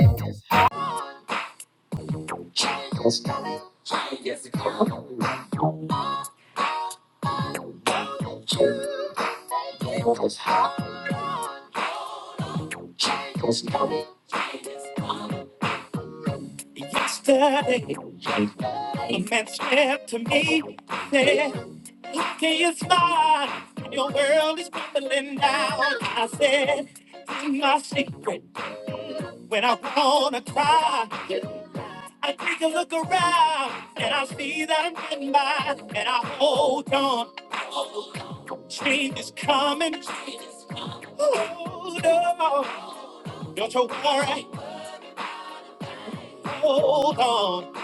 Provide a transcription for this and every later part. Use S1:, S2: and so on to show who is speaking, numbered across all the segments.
S1: Yesterday, a man said to me, said, Lucky is mine, your world is crumbling down. I said, In my secret, when I wanna cry, I take a look around and I see that I'm getting by, and I hold on. Change is coming, Hold on. Don't you worry. Hold on.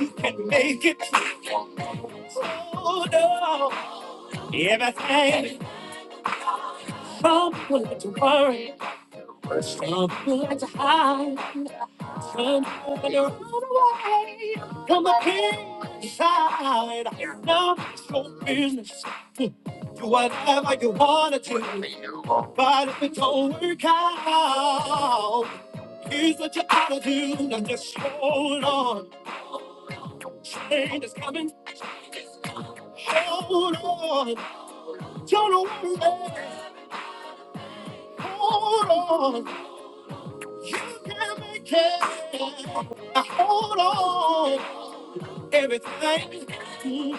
S1: You can make it. Hold on. Everything. Some will let you worry. Some will let you hide. Some will let you run away. Come up inside. Now it's your business. Do whatever you want to do. But if it don't work out, here's what you got to do. Now just hold on. Change is coming. Hold on. Don't worry. Hold on. You can make it. Now hold on. Everything is gonna be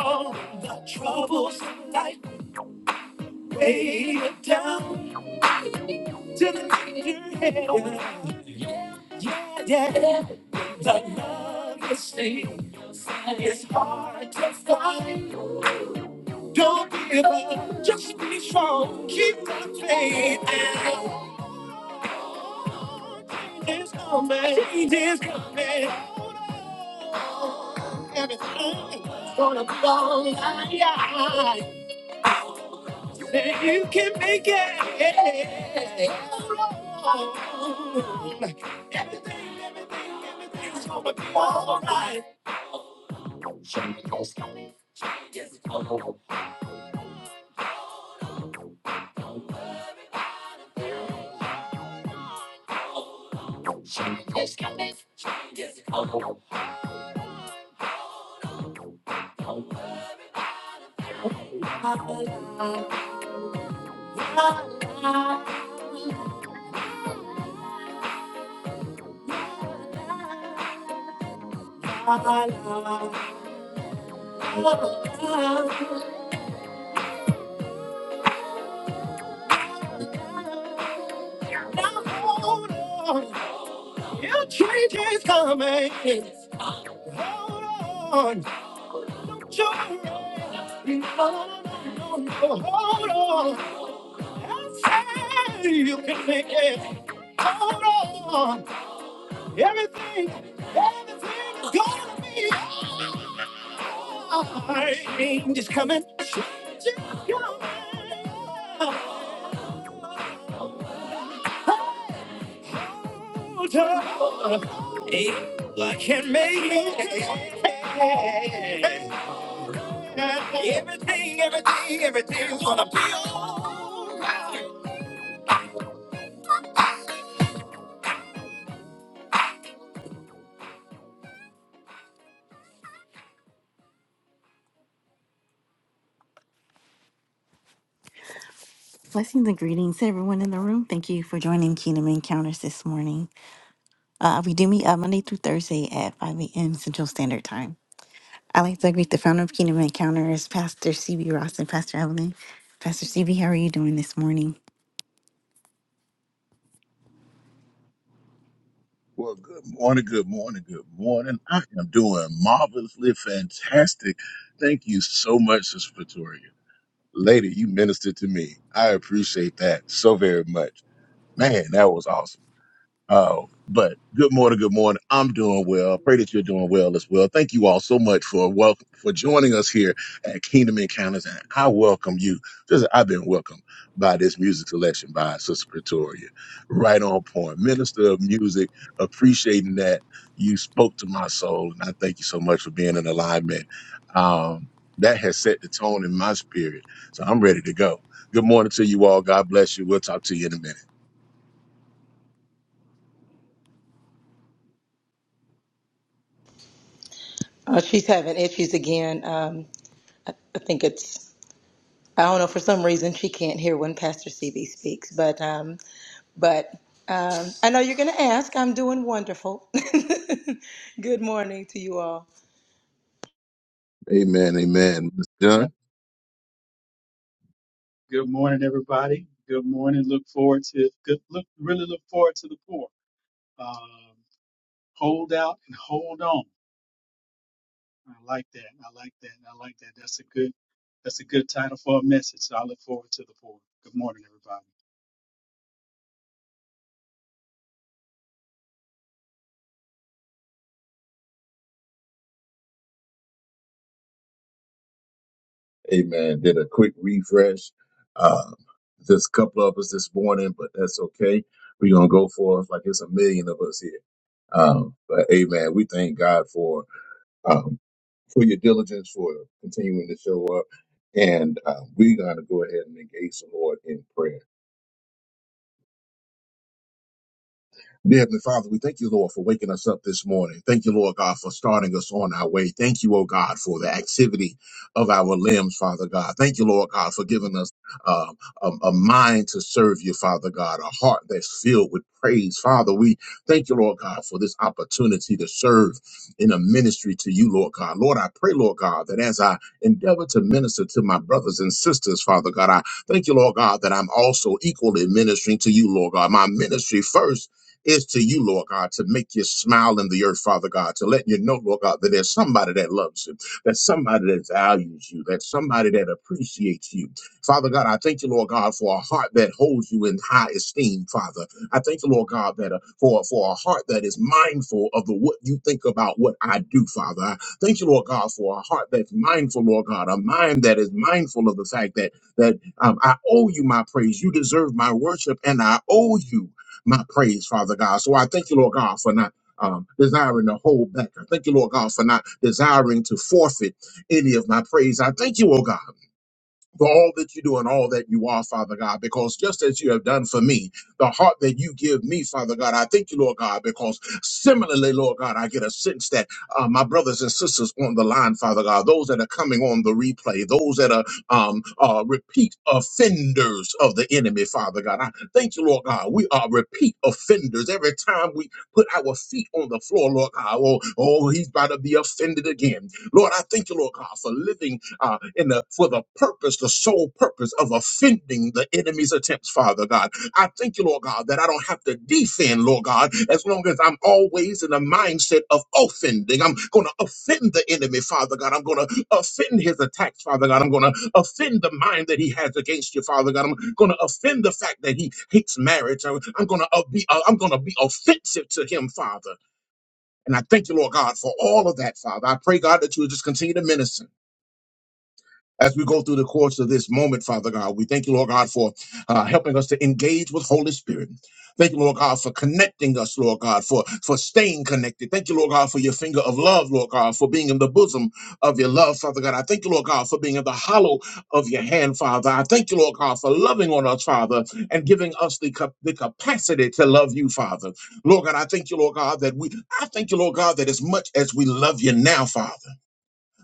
S1: all the troubles in life. Lay it down to the head. Yeah, yeah. The love you see is hard to find. Don't give up, just be strong, keep the faith. And it's coming, it's coming. Everything's gonna lie. Say you can make it. Everything, everything, everything's gonna be alright. It's coming. it's coming. Now hold on, your change is coming. Hold on, joy. No, no, no, no, no, hold on. I say you can make it. Hold on, everything, everything is gonna be. Change is coming. Change is coming. Eva can make it. Everything, everything, everything's gonna be alright. Blessings and greetings to everyone in the room. Thank you for joining Kingdom Encounters this morning. Uh, we do meet uh, Monday through Thursday at 5 a.m. Central Standard Time. I would like to greet the founder of Kingdom Encounters, Pastor CB Ross and Pastor Evelyn. Pastor CB, how are you doing this morning?
S2: Well, good morning, good morning, good morning. I am doing marvelously fantastic. Thank you so much, Sister Pretoria. Lady, you ministered to me. I appreciate that so very much. Man, that was awesome. Oh, but good morning, good morning. I'm doing well. Pray that you're doing well as well. Thank you all so much for welcome for joining us here at Kingdom Encounters, and I welcome you. Just I've been welcomed by this music selection by Sister Pretoria, right on point, Minister of Music. Appreciating that you spoke to my soul, and I thank you so much for being in alignment. Um, that has set the tone in my spirit, so I'm ready to go. Good morning to you all. God bless you. We'll talk to you in a minute.
S3: Oh, she's having issues again. Um, I think it's I don't know for some reason she can't hear when Pastor CB speaks, but um, but um, I know you're going to ask. I'm doing wonderful. Good morning to you all.
S2: Amen. Amen. Mister
S4: Good
S2: John.
S4: morning. Good morning, everybody. Good morning. Look forward to good look really look forward to the poor. Um, hold out and hold on. I like that. I like that. I like that. That's a good that's a good title for a message. So I look forward to the poor. Good morning, everybody.
S2: Amen. Did a quick refresh. Uh, there's a couple of us this morning, but that's okay. We're going to go forth like it's a million of us here. Um, but amen. We thank God for, um, for your diligence, for continuing to show up. And uh, we're going to go ahead and engage the Lord in prayer. Dear Heavenly Father, we thank you, Lord, for waking us up this morning. Thank you, Lord God, for starting us on our way. Thank you, oh God, for the activity of our limbs, Father God. Thank you, Lord God, for giving us uh, a, a mind to serve you, Father God, a heart that's filled with praise. Father, we thank you, Lord God, for this opportunity to serve in a ministry to you, Lord God. Lord, I pray, Lord God, that as I endeavor to minister to my brothers and sisters, Father God, I thank you, Lord God, that I'm also equally ministering to you, Lord God. My ministry first is to you, Lord God, to make you smile in the earth, Father God, to let you know, Lord God, that there's somebody that loves you, that's somebody that values you, that's somebody that appreciates you. Father God, I thank you, Lord God, for a heart that holds you in high esteem, Father. I thank you, Lord God, that uh, for, for a heart that is mindful of the what you think about what I do, Father. I thank you, Lord God, for a heart that's mindful, Lord God, a mind that is mindful of the fact that that um, I owe you my praise. You deserve my worship, and I owe you my praise, Father God. So I thank you, Lord God, for not um, desiring to hold back. I thank you, Lord God, for not desiring to forfeit any of my praise. I thank you, oh God for all that you do and all that you are, Father God, because just as you have done for me, the heart that you give me, Father God, I thank you, Lord God, because similarly, Lord God, I get a sense that uh, my brothers and sisters on the line, Father God, those that are coming on the replay, those that are um, uh, repeat offenders of the enemy, Father God, I thank you, Lord God, we are repeat offenders. Every time we put our feet on the floor, Lord God, oh, oh he's about to be offended again. Lord, I thank you, Lord God, for living uh, in the for the purpose, the sole purpose of offending the enemy's attempts, Father God. I thank you, Lord God, that I don't have to defend, Lord God, as long as I'm always in the mindset of offending. I'm going to offend the enemy, Father God. I'm going to offend his attacks, Father God. I'm going to offend the mind that he has against you, Father God. I'm going to offend the fact that he hates marriage. I'm, going to be uh, I'm going to be offensive to him, Father. And I thank you, Lord God, for all of that, Father. I pray, God, that you would just continue to minister as we go through the course of this moment, Father God. We thank you, Lord God, for uh, helping us to engage with Holy Spirit. Thank you, Lord God, for connecting us, Lord God, for, for staying connected. Thank you, Lord God, for your finger of love, Lord God, for being in the bosom of your love, Father God. I thank you, Lord God, for being in the hollow of your hand, Father. I thank you, Lord God, for loving on us, Father, and giving us the, cap- the capacity to love you, Father. Lord God, I thank you, Lord God, that we, I thank you, Lord God, that as much as we love you now, Father.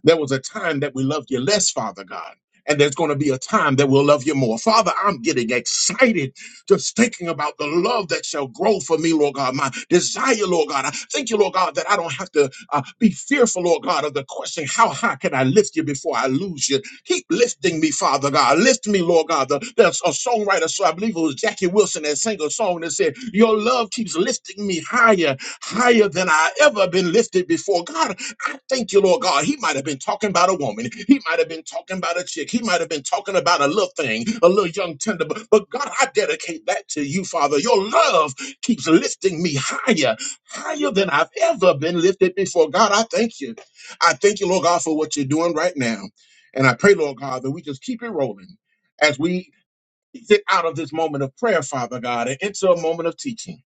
S2: There was a time that we loved you less, Father God. And there's going to be a time that we'll love you more. Father, I'm getting excited just thinking about the love that shall grow for me, Lord God. My desire, Lord God. I thank you, Lord God, that I don't have to uh, be fearful, Lord God, of the question, how high can I lift you before I lose you? Keep lifting me, Father God. Lift me, Lord God. The- there's a songwriter, so I believe it was Jackie Wilson that sang a song that said, Your love keeps lifting me higher, higher than I ever been lifted before. God, I thank you, Lord God. He might have been talking about a woman. He might have been talking about a chick. He might have been talking about a little thing, a little young tender. But, but God, I dedicate that to you, Father. Your love keeps lifting me higher, higher than I've ever been lifted before. God, I thank you. I thank you, Lord God, for what you're doing right now. And I pray, Lord God, that we just keep it rolling as we get out of this moment of prayer, Father God, and into a moment of teaching.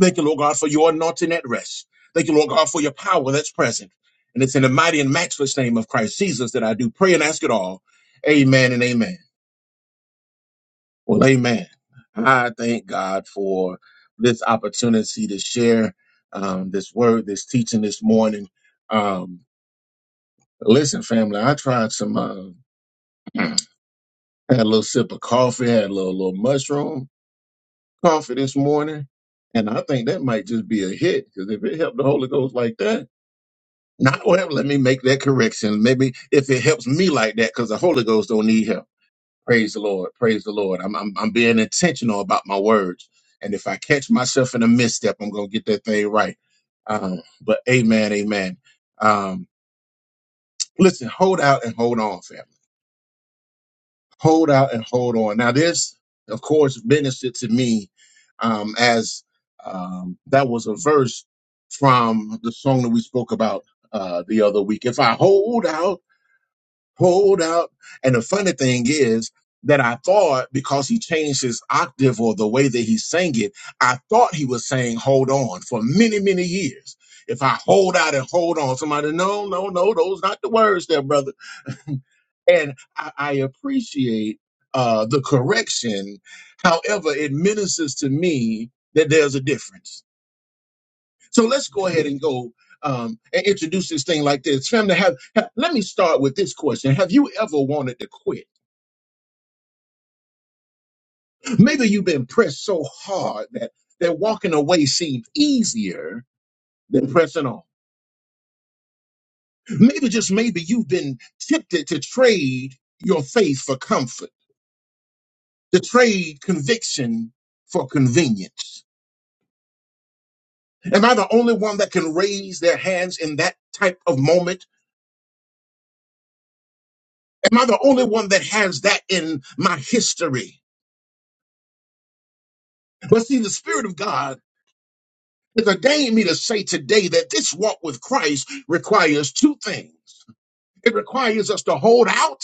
S2: Thank you, Lord God, for your anointing at rest. Thank you, Lord God, for your power that's present. And it's in the mighty and matchless name of Christ Jesus that I do pray and ask it all. Amen and amen. Well, amen. I thank God for this opportunity to share um, this word, this teaching this morning. Um, listen, family, I tried some, uh, had a little sip of coffee, had a little, little mushroom coffee this morning. And I think that might just be a hit because if it helped the Holy Ghost like that, Not well, let me make that correction. Maybe if it helps me like that, because the Holy Ghost don't need help. Praise the Lord. Praise the Lord. I'm, I'm I'm being intentional about my words. And if I catch myself in a misstep, I'm gonna get that thing right. Um, but amen, amen. Um, listen, hold out and hold on, family. Hold out and hold on. Now, this, of course, ministered to me um as um that was a verse from the song that we spoke about uh the other week. If I hold out hold out. And the funny thing is that I thought because he changed his octave or the way that he sang it, I thought he was saying hold on for many, many years. If I hold out and hold on, somebody, no, no, no, those not the words there, brother. And I, I appreciate uh, the correction. However, it ministers to me that there's a difference. So let's go ahead and go um, and introduce this thing like this. Family, have, have, let me start with this question. Have you ever wanted to quit? Maybe you've been pressed so hard that, that walking away seems easier than pressing on. Maybe just maybe you've been tempted to trade your faith for comfort, to trade conviction for convenience. Am I the only one that can raise their hands in that type of moment? Am I the only one that has that in my history? But see, the Spirit of God has ordained me to say today that this walk with Christ requires two things. It requires us to hold out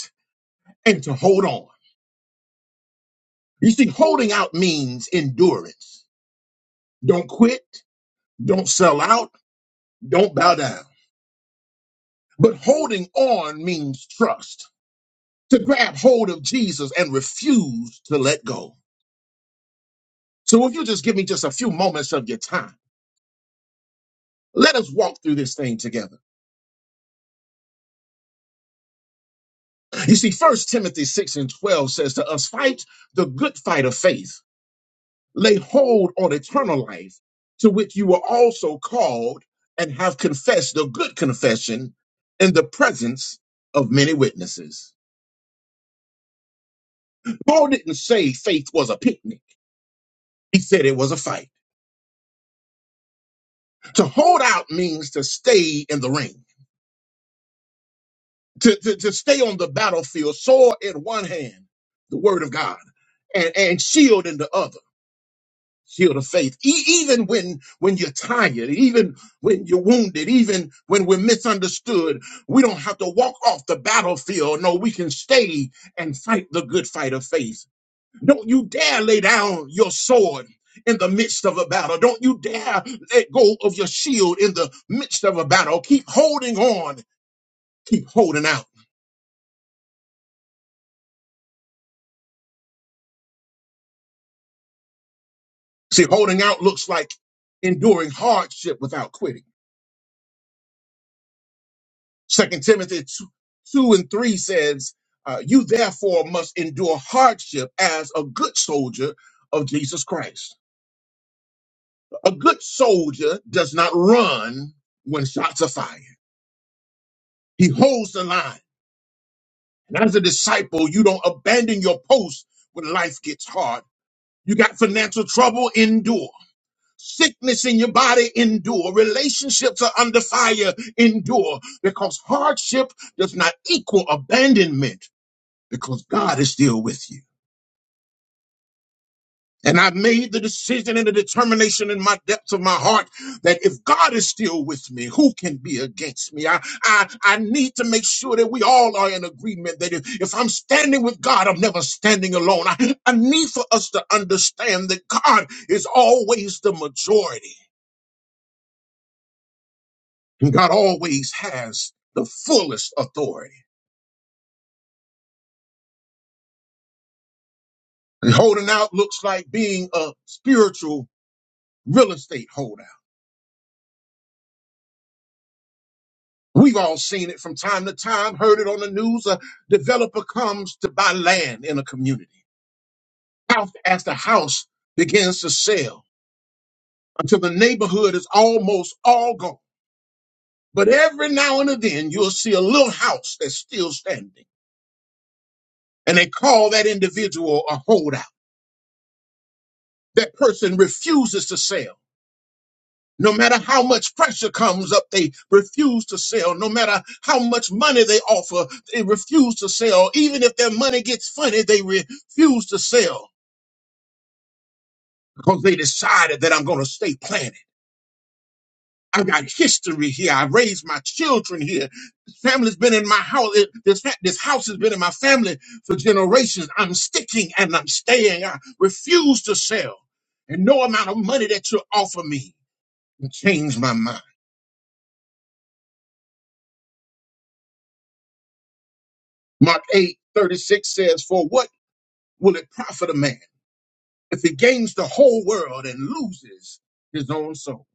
S2: and to hold on. You see, holding out means endurance. Don't quit, don't sell out, don't bow down. But holding on means trust, to grab hold of Jesus and refuse to let go. So if you just give me just a few moments of your time, let us walk through this thing together. You see, First Timothy 6 and 12 says to us, fight the good fight of faith. lay hold on eternal life, to which you were also called and have confessed the good confession in the presence of many witnesses. Paul didn't say faith was a picnic, he said it was a fight. To hold out means to stay in the ring, to, to, to stay on the battlefield, sword in one hand, the word of God, and, and shield in the other. shield of faith. E- even when when you're tired, even when you're wounded, even when we're misunderstood, we don't have to walk off the battlefield. No, we can stay and fight the good fight of faith. Don't you dare lay down your sword. In the midst of a battle, don't you dare let go of your shield in the midst of a battle. Keep holding on, keep holding out. See, holding out looks like enduring hardship without quitting Second Timothy 2, and 3 says, uh, You therefore must endure hardship as a good soldier of Jesus Christ. A good soldier does not run when shots are fired, he holds the line. And as a disciple, you don't abandon your post when life gets hard. You got financial trouble, endure. Sickness in your body, endure. Relationships are under fire, endure. Because hardship does not equal abandonment because God is still with you. And I made the decision and the determination in my depths of my heart that if God is still with me, who can be against me? I, I, I need to make sure that we all are in agreement that if, if I'm standing with God, I'm never standing alone. I, I need for us to understand that God is always the majority and God always has the fullest authority. And holding out looks like being a spiritual real estate holder. We've all seen it from time to time, heard it on the news. A developer comes to buy land in a community. House as the house begins to sell until the neighborhood is almost all gone. But every now and then, you'll see a little house that's still standing, and they call that individual a holdout. That person refuses to sell. No matter how much pressure comes up, they refuse to sell. No matter how much money they offer, they refuse to sell. Even if their money gets funny, they refuse to sell because they decided that I'm going to stay planted. I got history here. I raised my children here. This family's been in my house. it- This, fa- this house has been in my family for generations. I'm sticking and I'm staying. I refuse to sell. And no amount of money that you offer me can change my mind. Mark eight thirty six says, For what? will it profit a man if he gains the whole world and loses his own soul?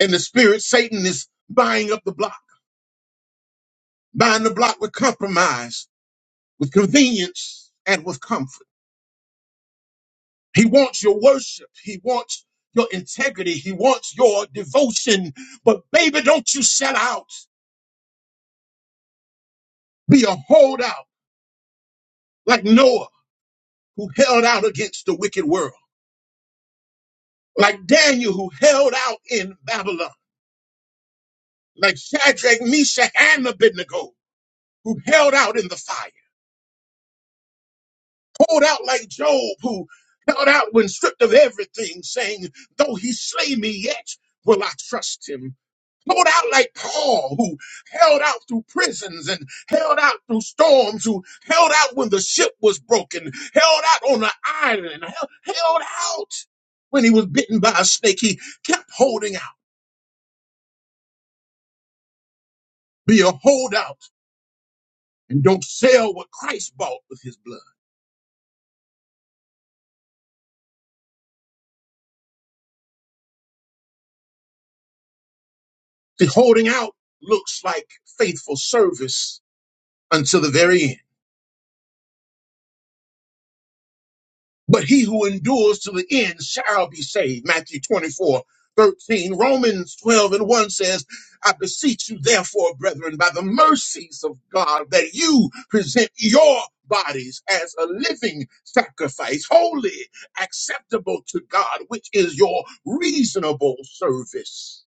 S2: In the spirit, Satan is buying up the block, buying the block with compromise, with convenience, and with comfort. He wants your worship. He wants your integrity. He wants your devotion. But baby, don't you sell out. Be a holdout like Noah who held out against the wicked world, like Daniel who held out in Babylon, like Shadrach, Meshach, and Abednego who held out in the fire, pulled out like Job, who held out when stripped of everything, saying, Though he slay me, yet will I trust him. Pulled out like Paul, who held out through prisons and held out through storms, who held out when the ship was broken, held out on the island, held, held out when he was bitten by a snake. He kept holding out. Be a holdout and don't sell what Christ bought with his blood. The holding out looks like faithful service until the very end. But he who endures to the end shall be saved. Matthew 24 13. Romans 12 and 1 says, I beseech you, therefore, brethren, by the mercies of God, that you present your bodies as a living sacrifice, holy, acceptable to God, which is your reasonable service.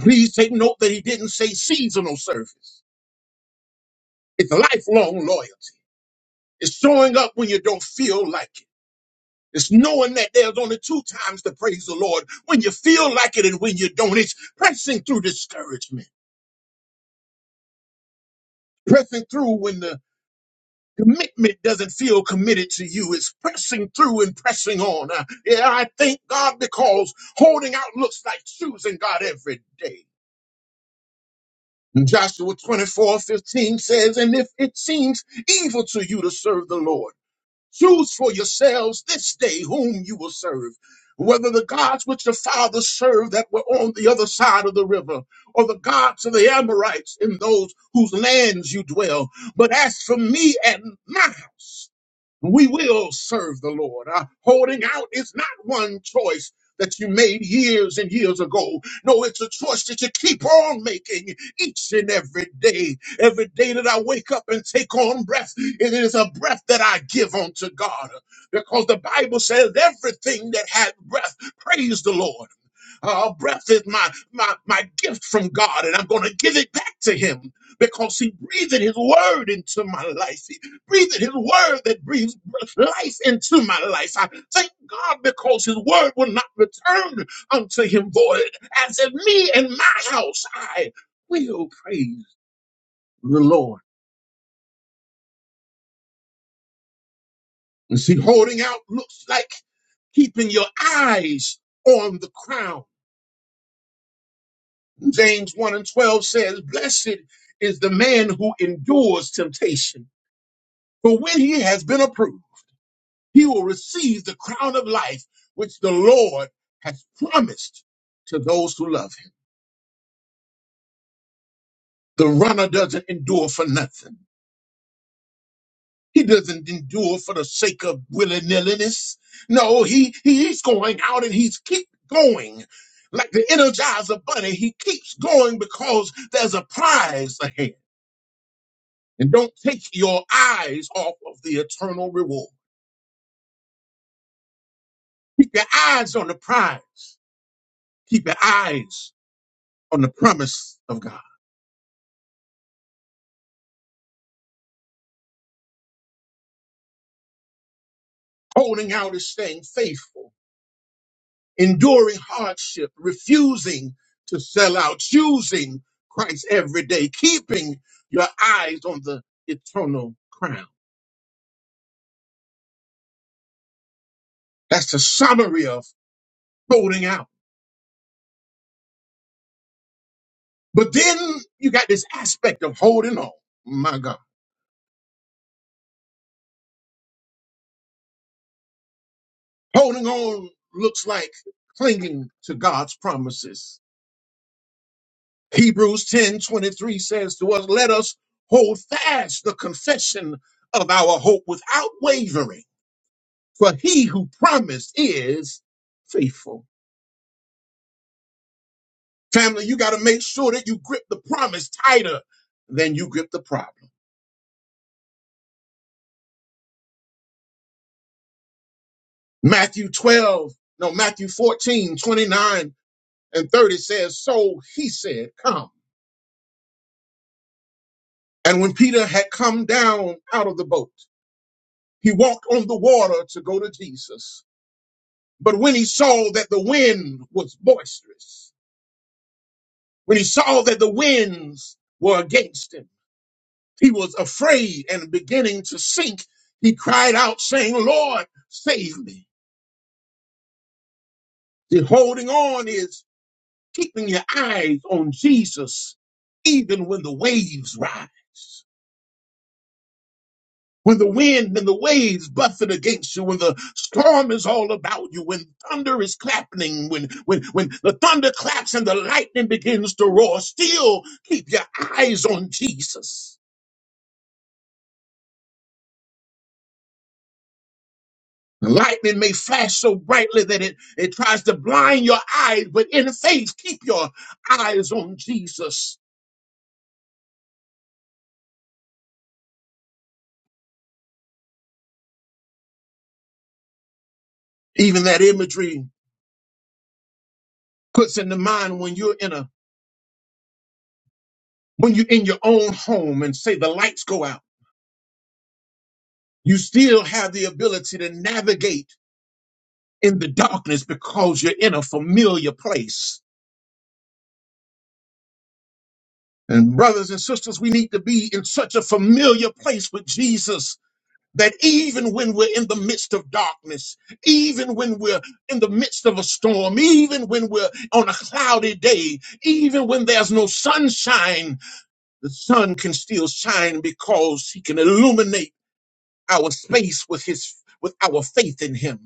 S2: Please take note that he didn't say seasonal service. It's lifelong loyalty. It's showing up when you don't feel like it. It's knowing that there's only two times to praise the Lord when you feel like it and when you don't. It's pressing through discouragement, pressing through when the commitment doesn't feel committed to you. It's pressing through and pressing on. Uh, yeah, I thank God because holding out looks like choosing God every day. And Joshua 24 15 says, And if it seems evil to you to serve the Lord, Choose for yourselves this day whom you will serve, whether the gods which the fathers served that were on the other side of the river, or the gods of the Amorites in those whose lands you dwell. But as for me and my house, we will serve the Lord. Uh, holding out is not one choice that you made years and years ago. No, it's a choice that you keep on making each and every day. Every day that I wake up and take on breath, it is a breath that I give unto God. Because the Bible says everything that hath breath, praise the Lord. Our breath is my, my, my gift from God, and I'm going to give it back to Him because He breathed His word into my life. He breathed His word that breathes life into my life. I thank God because His word will not return unto Him void. As in me and my house, I will praise the Lord. And see, holding out looks like keeping your eyes on the crown James 1 and 12 says, Blessed is the man who endures temptation. For when he has been approved, he will receive the crown of life which the Lord has promised to those who love him. The runner doesn't endure for nothing. He doesn't endure for the sake of willy-nilliness. No, he, he- he's going out and he's keep going. Like the energizer bunny, he keeps going because there's a prize ahead. And don't take your eyes off of the eternal reward. Keep your eyes on the prize. Keep your eyes on the promise of God. Holding out is staying faithful, enduring hardship, refusing to sell out, choosing Christ every day, keeping your eyes on the eternal crown. That's the summary of holding out. But then you got this aspect of holding on. My God. Holding on looks like clinging to God's promises. Hebrews 10 23 says to us, Let us hold fast the confession of our hope without wavering, for he who promised is faithful. Family, you got to make sure that you grip the promise tighter than you grip the problem. Matthew 12, no, Matthew 14 29 and 30 says, So he said, Come. And when Peter had come down out of the boat, He walked on the water to go to Jesus. But when he saw that the wind was boisterous, when he saw that the winds were against him, he was afraid and beginning to sink. He cried out, saying, Lord, save me. The holding on is keeping your eyes on Jesus, even when the waves rise. when the wind and the waves buffet against you, when the storm is all about you, when thunder is clapping, when when when the thunder claps and the lightning begins to roar, still keep your eyes on Jesus. The lightning may flash so brightly that it, it tries to blind your eyes, but in faith, keep your eyes on Jesus. Even that imagery puts in the mind when you're in a when you're in your own home and say the lights go out. You still have the ability to navigate in the darkness because you're in a familiar place. And brothers and sisters, we need to be in such a familiar place with Jesus that even when we're in the midst of darkness, even when we're in the midst of a storm, even when we're on a cloudy day, even when there's no sunshine, the sun can still shine because he can illuminate our space with his with our faith in him.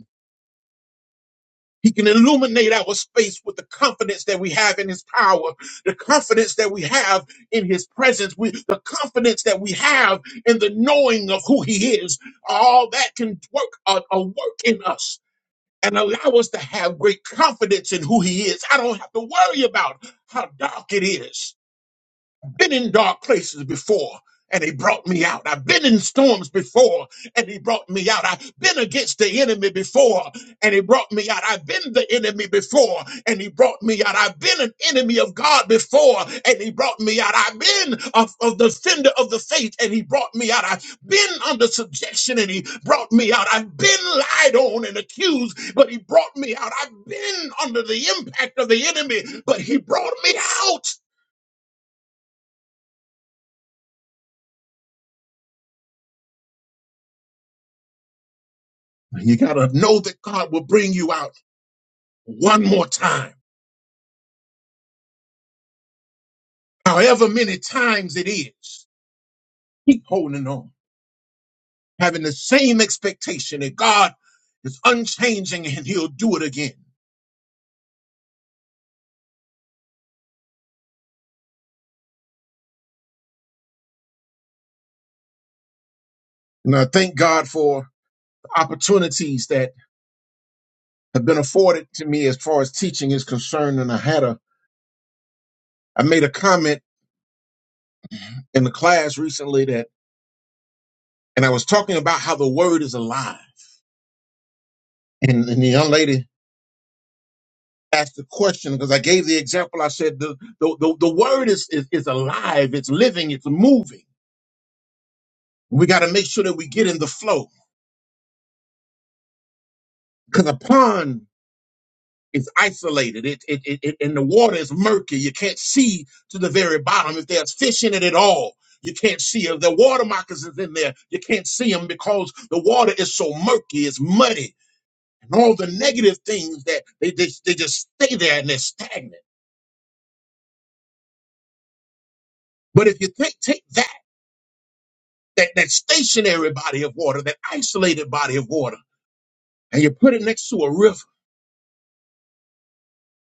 S2: He can illuminate our space with the confidence that we have in his power, the confidence that we have in his presence, we, the confidence that we have in the knowing of who he is. All that can work a, a work in us and allow us to have great confidence in who he is. I don't have to worry about how dark it is been in dark places before and he brought me out. I've been in storms before and he brought me out. I've been against the enemy before and he brought me out. I've been the enemy before and he brought me out. I've been an enemy of God before and he brought me out. I've been of, of the fender of the faith and he brought me out. I've been under subjection and he brought me out. I've been lied on and accused, but he brought me out. I've been under the impact of the enemy, but he brought me out. You got to know that God will bring you out one more time, however many times it is. Keep holding on, having the same expectation that God is unchanging and He'll do it again. And I thank God for the opportunities that have been afforded to me as far as teaching is concerned. And I had a, I made a comment in the class recently that, and I was talking about how the word is alive. And, and the young lady asked the question because I gave the example. I said the the, the, the word is, is is alive, it's living, it's moving. We got to make sure that we get in the flow because a pond is isolated. It, it, it, it and the water is murky. You can't see to the very bottom if there's fish in it at all. You can't see if the water moccasins in there. You can't see them because the water is so murky. It's muddy and all the negative things that they they, they just stay there and they're stagnant. But if you take take that. that, that stationary body of water, that isolated body of water, and you put it next to a river.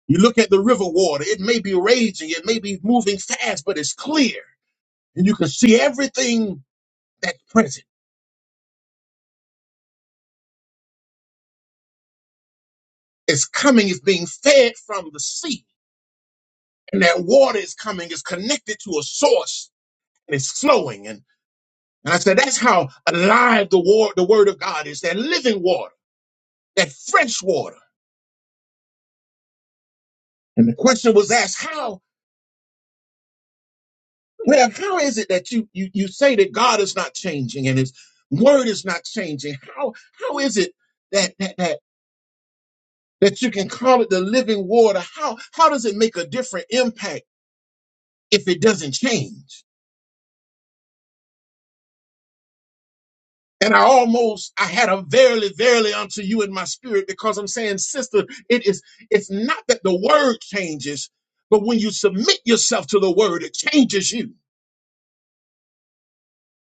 S2: You look at the river water, it may be raging, it may be moving fast, but it's clear. And you can see everything that's present. It's coming, it's being fed from the sea. And that water is coming, it's connected to a source, and it's flowing. And, and I said, that's how alive the, war, the word of God is, that living water, that fresh water. And the question was asked, how Well, how is it that you you you say that God is not changing and His Word is not changing? How how is it that that that that you can call it the living water? How how does it make a different impact if it doesn't change? And I almost I had a verily verily unto you in my spirit because I'm saying, sister, it is it's not that the word changes, but when you submit yourself to the word, it changes you.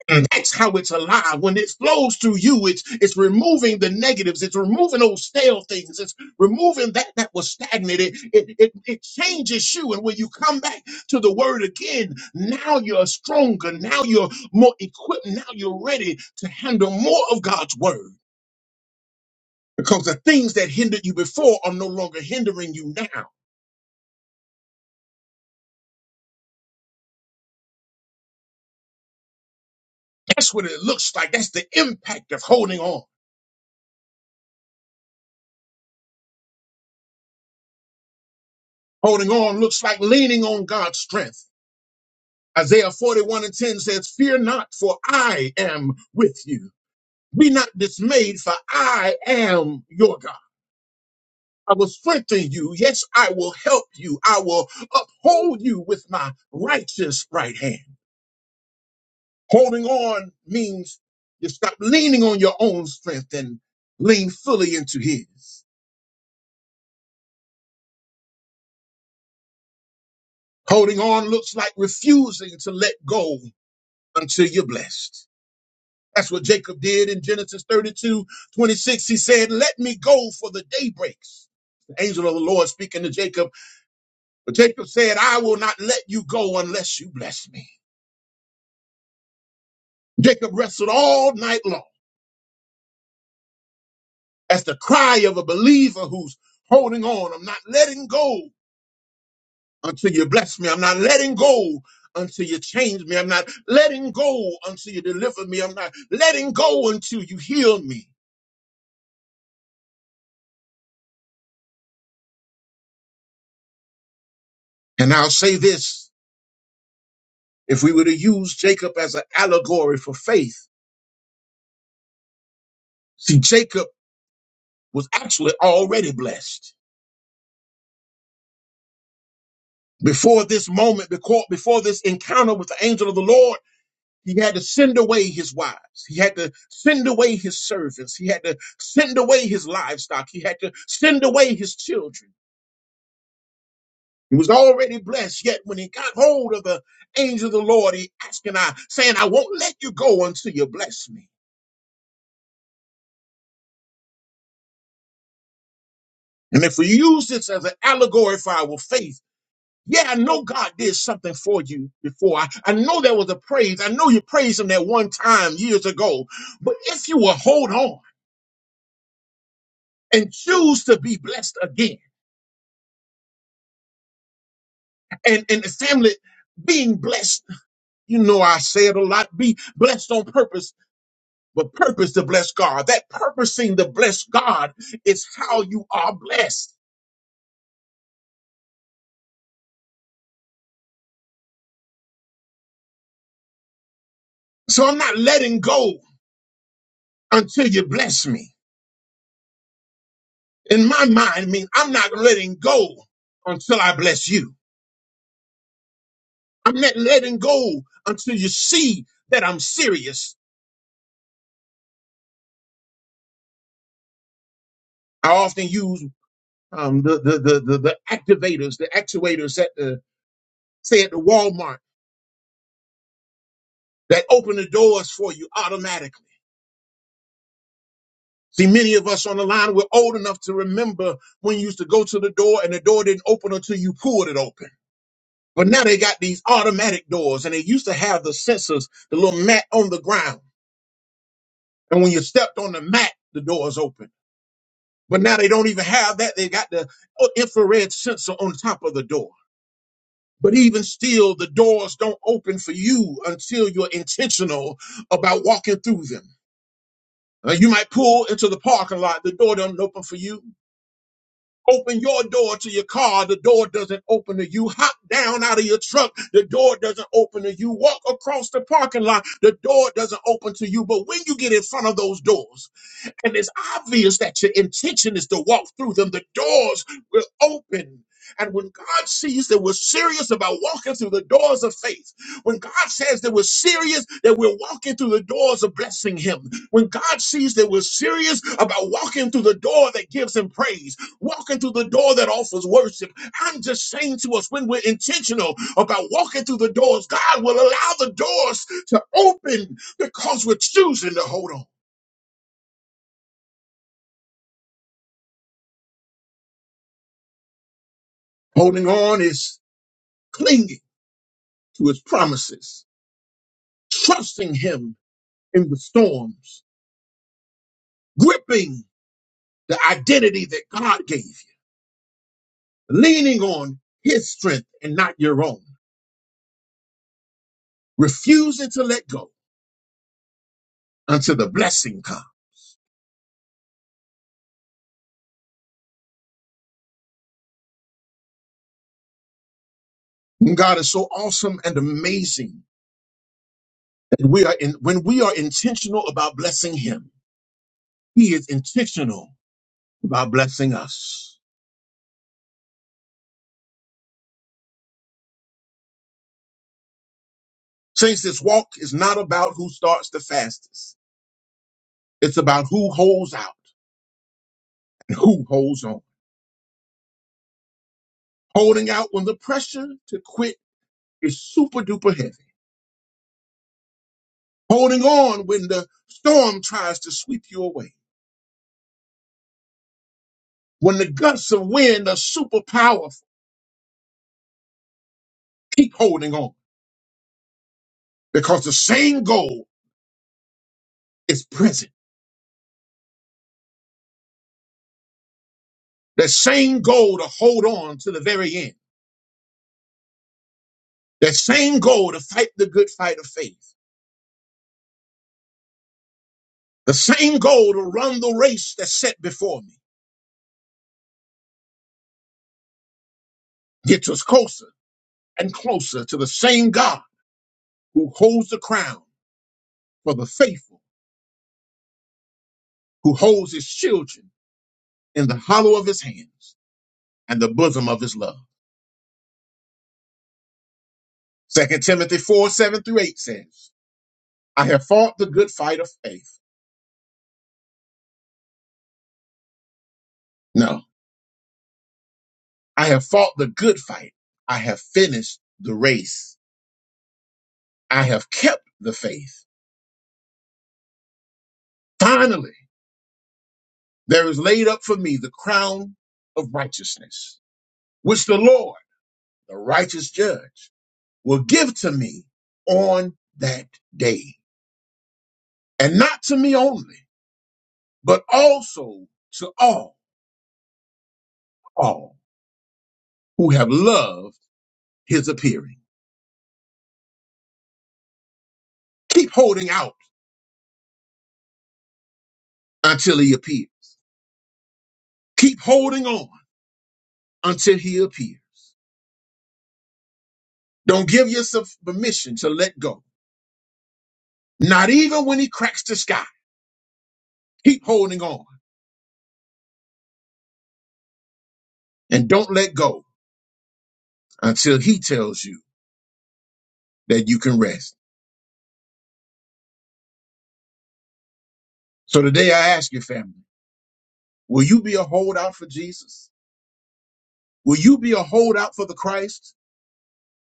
S2: Mm. That's how it's alive. When it flows through you, it's it's removing the negatives, it's removing those stale things, it's removing that that was stagnant. It it it, it changes you. And when you come back to the word again, now you're stronger, now you're more equipped, now you're ready to handle more of God's word. Because the things that hindered you before are no longer hindering you now. That's what it looks like. That's the impact of holding on. Holding on looks like leaning on God's strength. Isaiah 41 and 10 says, Fear not, for I am with you. Be not dismayed, for I am your God. I will strengthen you. Yes, I will help you. I will uphold you with my righteous right hand. Holding on means you stop leaning on your own strength and lean fully into his. Holding on looks like refusing to let go until you're blessed. That's what Jacob did in Genesis 32:26. He said, Let me go for the day breaks. The angel of the Lord speaking to Jacob. But Jacob said, I will not let you go unless you bless me. Jacob wrestled all night long. That's the cry of a believer who's holding on. I'm not letting go until you bless me. I'm not letting go until you change me. I'm not letting go until you deliver me. I'm not letting go until you heal me. And I'll say this If we were to use Jacob as an allegory for faith, see, Jacob was actually already blessed. Before this moment, before, before this encounter with the angel of the Lord, he had to send away his wives. He had to send away his servants. He had to send away his livestock. He had to send away his children. He was already blessed. Yet when he got hold of the angel of the Lord, he asking, I saying, I won't let you go until you bless me. And if we use this as an allegory for our faith, Yeah, I know God did something for you before. I, I know there was a praise. I know you praised Him that one time years ago. But if you will hold on and choose to be blessed again, and, and the family being blessed, you know, I say it a lot be blessed on purpose, but purpose to bless God. That purposing to bless God is how you are blessed. So I'm not letting go until you bless me. In my mind, I mean, I'm not letting go until I bless you. I'm not letting go until you see that I'm serious. I often use um, the, the, the, the, the activators, the actuators at the, say at the Walmart that open the doors for you automatically. See, many of us on the line, we're old enough to remember when you used to go to the door and the door didn't open until you pulled it open. But now they got these automatic doors and they used to have the sensors, the little mat on the ground. And when you stepped on the mat, the doors open. But now they don't even have that. They got the uh, infrared sensor on top of the door. But even still, the doors don't open for you until you're intentional about walking through them. Uh, you might pull into the parking lot, the door doesn't open for you. Open your door to your car, the door doesn't open to you. Hop down out of your truck, the door doesn't open to you. Walk across the parking lot, the door doesn't open to you. But when you get in front of those doors, and it's obvious that your intention is to walk through them, the doors will open. And when God sees that we're serious about walking through the doors of faith, when God says that we're serious that we're walking through the doors of blessing Him, when God sees that we're serious about walking through the door that gives Him praise, walking through the door that offers worship, I'm just saying to us when we're intentional about walking through the doors, God will allow the doors to open because we're choosing to hold on. Holding on is clinging to his promises, trusting him in the storms, gripping the identity that God gave you, leaning on his strength and not your own, refusing to let go until the blessing comes. God is so awesome and amazing that we are in, when we are intentional about blessing him, he is intentional about blessing us. Saints, this walk is not about who starts the fastest. It's about who holds out and who holds on. holding out when the pressure to quit is super duper heavy, holding on when the storm tries to sweep you away, when the gusts of wind are super powerful. Keep holding on because the same goal is present. That same goal to hold on to the very end. That same goal to fight the good fight of faith. The same goal to run the race that's set before me gets us closer and closer to the same God who holds the crown for the faithful, who holds his children in the hollow of his hands and the bosom of his love. Second Timothy 4 7 through 8 says, I have fought the good fight of faith. No, I have fought the good fight. I have finished the race. I have kept the faith. Finally, there is laid up for me the crown of righteousness, which the Lord, the righteous judge, will give to me on that day. And not to me only, but also to all, all who have loved his appearing. Keep holding out until he appears. Keep holding on until he appears. Don't give yourself permission to let go. Not even when he cracks the sky. Keep holding on and don't let go until he tells you that you can rest. So today I ask your family, will you be a holdout for Jesus? Will you be a holdout for the Christ?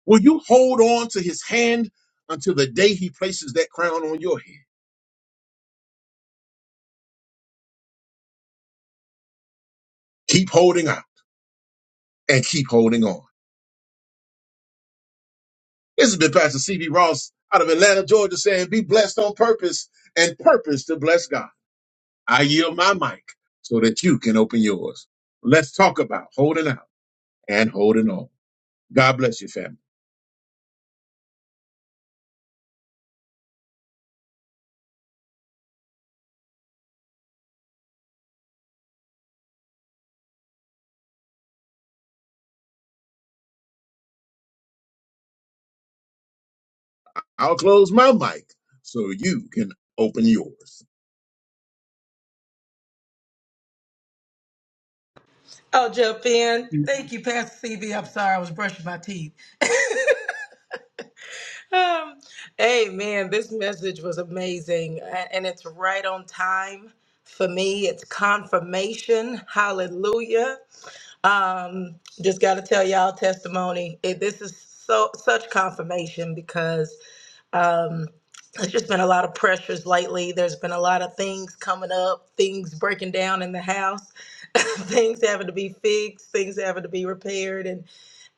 S2: Will you hold on to his hand until the day he places that crown on your head? Keep holding out and keep holding on. This has been Pastor CB Ross out of Atlanta, Georgia, saying, Be blessed on purpose and purpose to bless God. I yield my mic so that you can open yours. Let's talk about holding out and holding on. God bless you, family. I'll close my mic so you can open yours.
S3: I'll jump in. Thank you, Pastor CB. I'm sorry, I was brushing my teeth. Um, hey, man, this message was amazing, a- and it's right on time for me. It's confirmation. Hallelujah. Um, just got to tell y'all testimony. It, this is so such confirmation because um, there's just been a lot of pressures lately. There's been a lot of things coming up, things breaking down in the house, things having to be fixed, things having to be repaired, and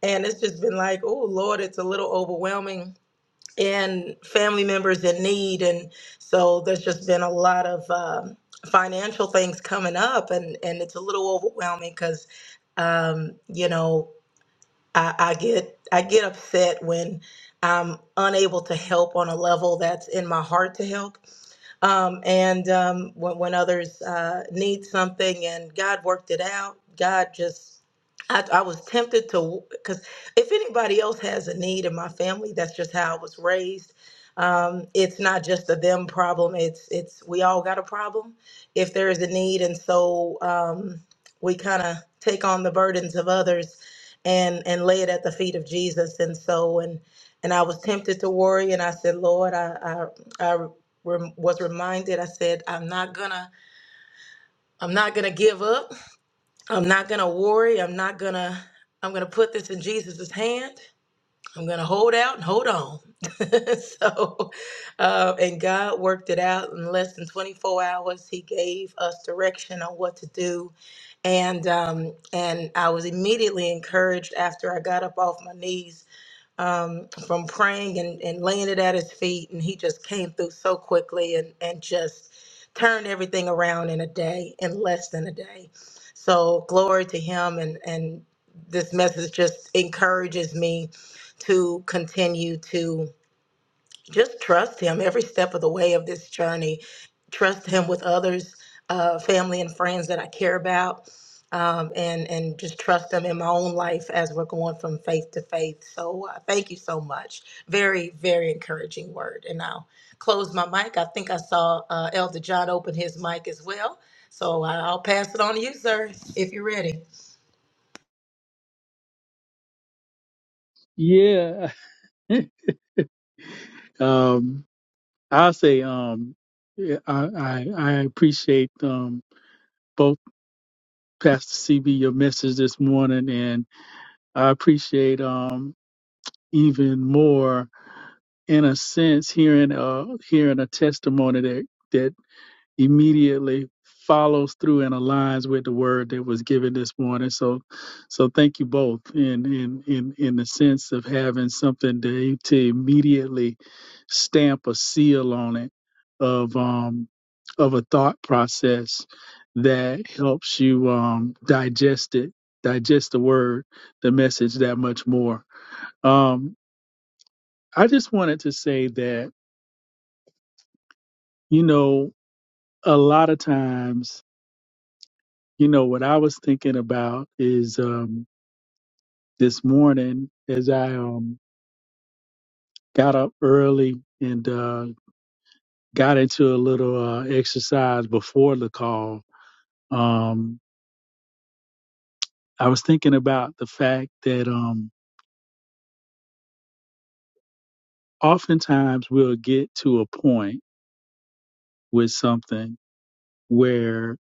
S3: and it's just been like, oh Lord, it's a little overwhelming and family members in need. And so there's just been a lot of um, financial things coming up, and, and it's a little overwhelming because, um, you know, I, I get I get upset when I'm unable to help on a level that's in my heart to help um, and um, when, when others uh, need something. And God worked it out. God just, I, I was tempted to, because if anybody else has a need in my family, that's just how I was raised. Um, it's not just a them problem. It's it's we all got a problem if there is a need, and so um, we kind of take on the burdens of others and and lay it at the feet of Jesus. And so and and I was tempted to worry, and I said, Lord, I, I I rem- was reminded i said i'm not gonna i'm not gonna give up i'm not gonna worry i'm not gonna i'm gonna put this in jesus' hand i'm gonna hold out and hold on so uh, and god worked it out in less than 24 hours he gave us direction on what to do and um, and i was immediately encouraged after i got up off my knees um, from praying and, and laying it at his feet. And he just came through so quickly and, and just turned everything around in a day, in less than a day. So glory to him. And, and this message just encourages me to continue to just trust him every step of the way of this journey trust him with others uh, family and friends that i care about um, and and just trust him in my own life as we're going from faith to faith so uh, thank you so much very very encouraging word and i'll close my mic i think i saw uh, elder john open his mic as well so I- will pass it on to you sir if you're ready
S4: Yeah. um, I'll say um, yeah, I, I I appreciate um, both Pastor CB your message this morning, and I appreciate even more in a sense hearing a hearing a testimony that that immediately follows through and aligns with the word that was given this morning so so thank you both in in in in the sense of having something to, to immediately stamp a seal on it of um of a thought process that helps you um digest it digest the word the message that much more Um, I just wanted to say that, you know, a lot of times, you know, what I was thinking about is um, this morning as I um, got up early and uh, got into a little uh, exercise before the call. Um, I was thinking about the fact that um, oftentimes we'll get to a point with something where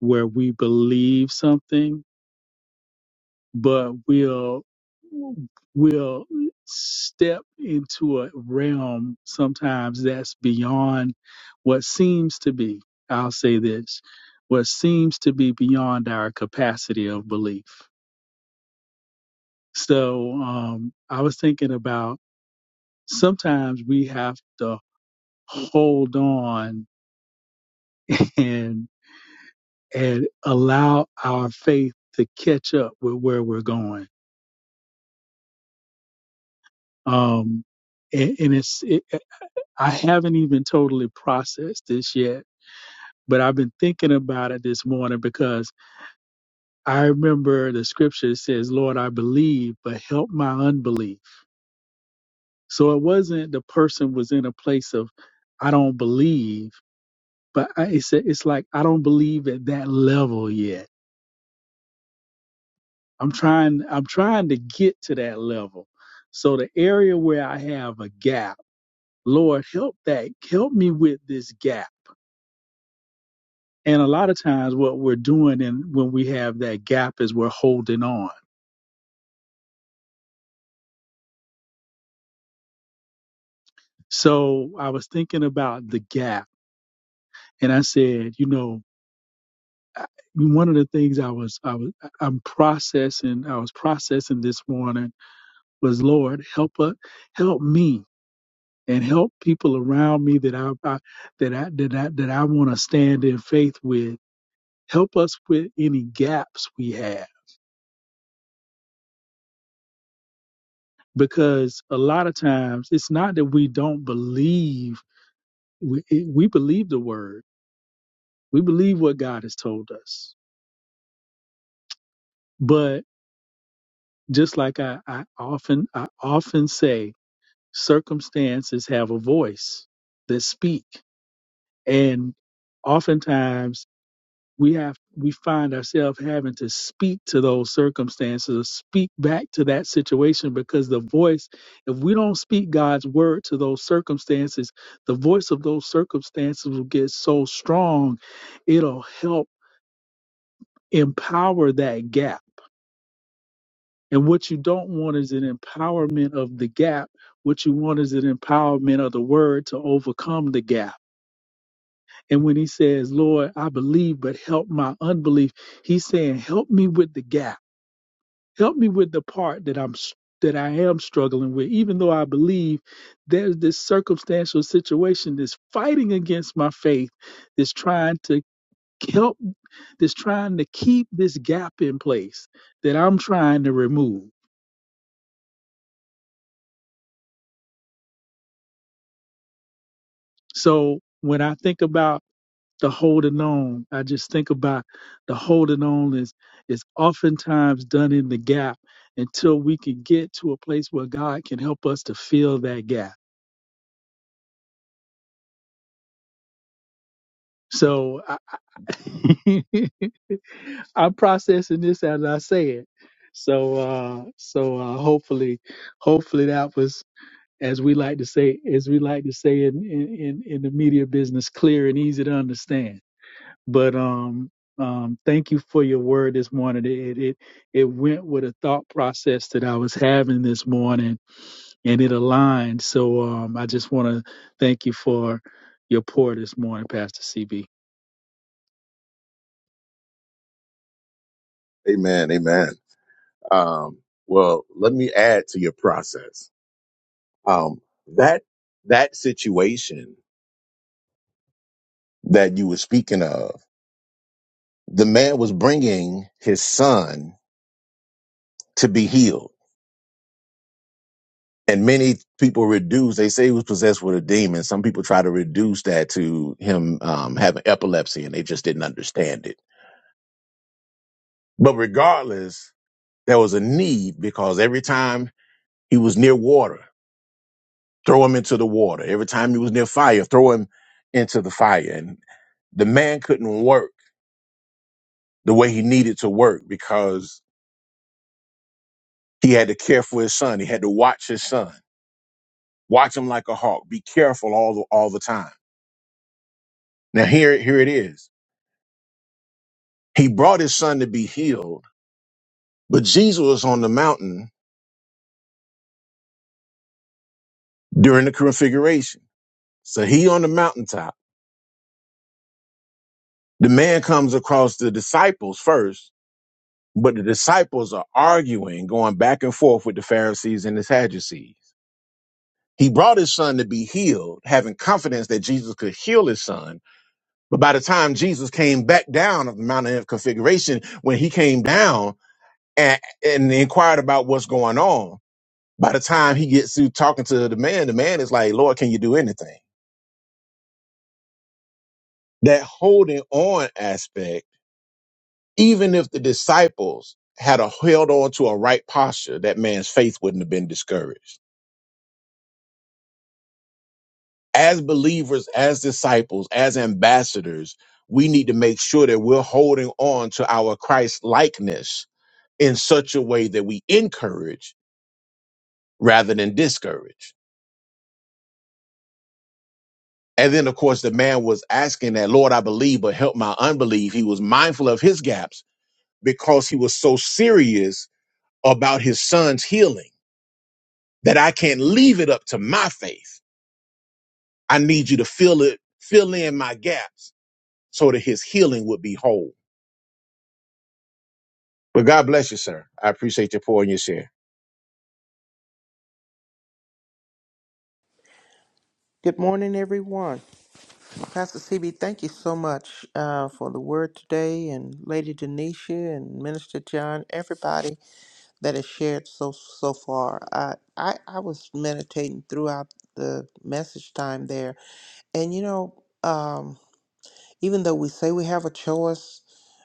S4: where we believe something but we'll we'll step into a realm sometimes that's beyond what seems to be i'll say this what seems to be beyond our capacity of belief so um i was thinking about sometimes we have to hold on and and allow our faith to catch up with where we're going um and, and it's I haven't even totally processed this yet, but I've been thinking about it this morning because I remember the scripture says, Lord, I believe, but help my unbelief. So it wasn't the person was in a place of, I don't believe, but I, it's, it's like, I don't believe at that level yet. I'm trying, I'm trying to get to that level. So the area where I have a gap, Lord, help that, help me with this gap And a lot of times, what we're doing, and when we have that gap, is we're holding on. So I was thinking about the gap, and I said, you know, I- one of the things I was, I was, I'm processing, I was processing this morning was, Lord, help us, help me, and help people around me that I, I that I that I that I want to stand in faith with. Help us with any gaps we have, because a lot of times it's not that we don't believe we, it, we believe the word we believe what god has told us but just like I, I often i often say circumstances have a voice that speak and oftentimes we have we find ourselves having to speak to those circumstances or speak back to that situation because the voice if we don't speak god's word to those circumstances the voice of those circumstances will get so strong it'll help empower that gap. And what you don't want is an empowerment of the gap. What you want is an empowerment of the word to overcome the gap. And when he says, Lord, I believe, but help my unbelief, he's saying, help me with the gap. Help me with the part that I'm s- that I am struggling with, even though I believe there's this circumstantial situation that's fighting against my faith, that's trying to help, that's trying to keep this gap in place that I'm trying to remove. So when I think about the holding on, I just think about the holding on is is oftentimes done in the gap until we can get to a place where God can help us to fill that gap. So I, I'm processing this as I say it. So uh so uh hopefully hopefully that was as we like to say as we like to say in in in in the media business clear and easy to understand. but um, um, thank you for your word this morning. It, it it went with a thought process that I was having this morning, and it aligned. So um, I just want to thank you for your pour this morning, Pastor CB.
S2: Amen. Amen. Um, well, let me add to your process. Um, that that situation that you were speaking of, the man was bringing his son to be healed. and many people reduce they say he was possessed with a demon some people try to reduce that to him um, having epilepsy and they just didn't understand it but regardless there was a need because every time he was near water throw him into the water every time he was near fire throw him into the fire and the man couldn't work the way he needed to work because he had to care for his son he had to watch his son watch him like a hawk be careful all the, all the time now here here it is He brought his son to be healed, but Jesus was on the mountain during the configuration. So he on the mountaintop. The man comes across the disciples first, but the disciples are arguing, going back and forth with the Pharisees and the Sadducees. He brought his son to be healed, having confidence that Jesus could heal his son. But by the time Jesus came back down of the mountain of configuration, when he came down and, and inquired about what's going on, By the time he gets through talking to the man, the man is like, Lord, can you do anything? That holding on aspect, even if the disciples had a held on to a right posture, that man's faith wouldn't have been discouraged. As believers, as disciples, as ambassadors, we need to make sure that we're holding on to our Christ likeness in such a way that we encourage rather than discourage. And then, of course, the man was asking that, Lord, I believe, but help my unbelief. He was mindful of his gaps because he was so serious about his son's healing that I can't leave it up to my faith. I need you to fill it, fill in my gaps so that his healing would be whole. But God bless you, sir. I appreciate your pour and your share.
S5: Good morning, everyone. Pastor CB, thank you so much uh, for the word today, and Lady Denisha and Minister John, everybody that has shared so so far. I I, I was meditating throughout the message time there, and you know, um, even though we say we have a choice,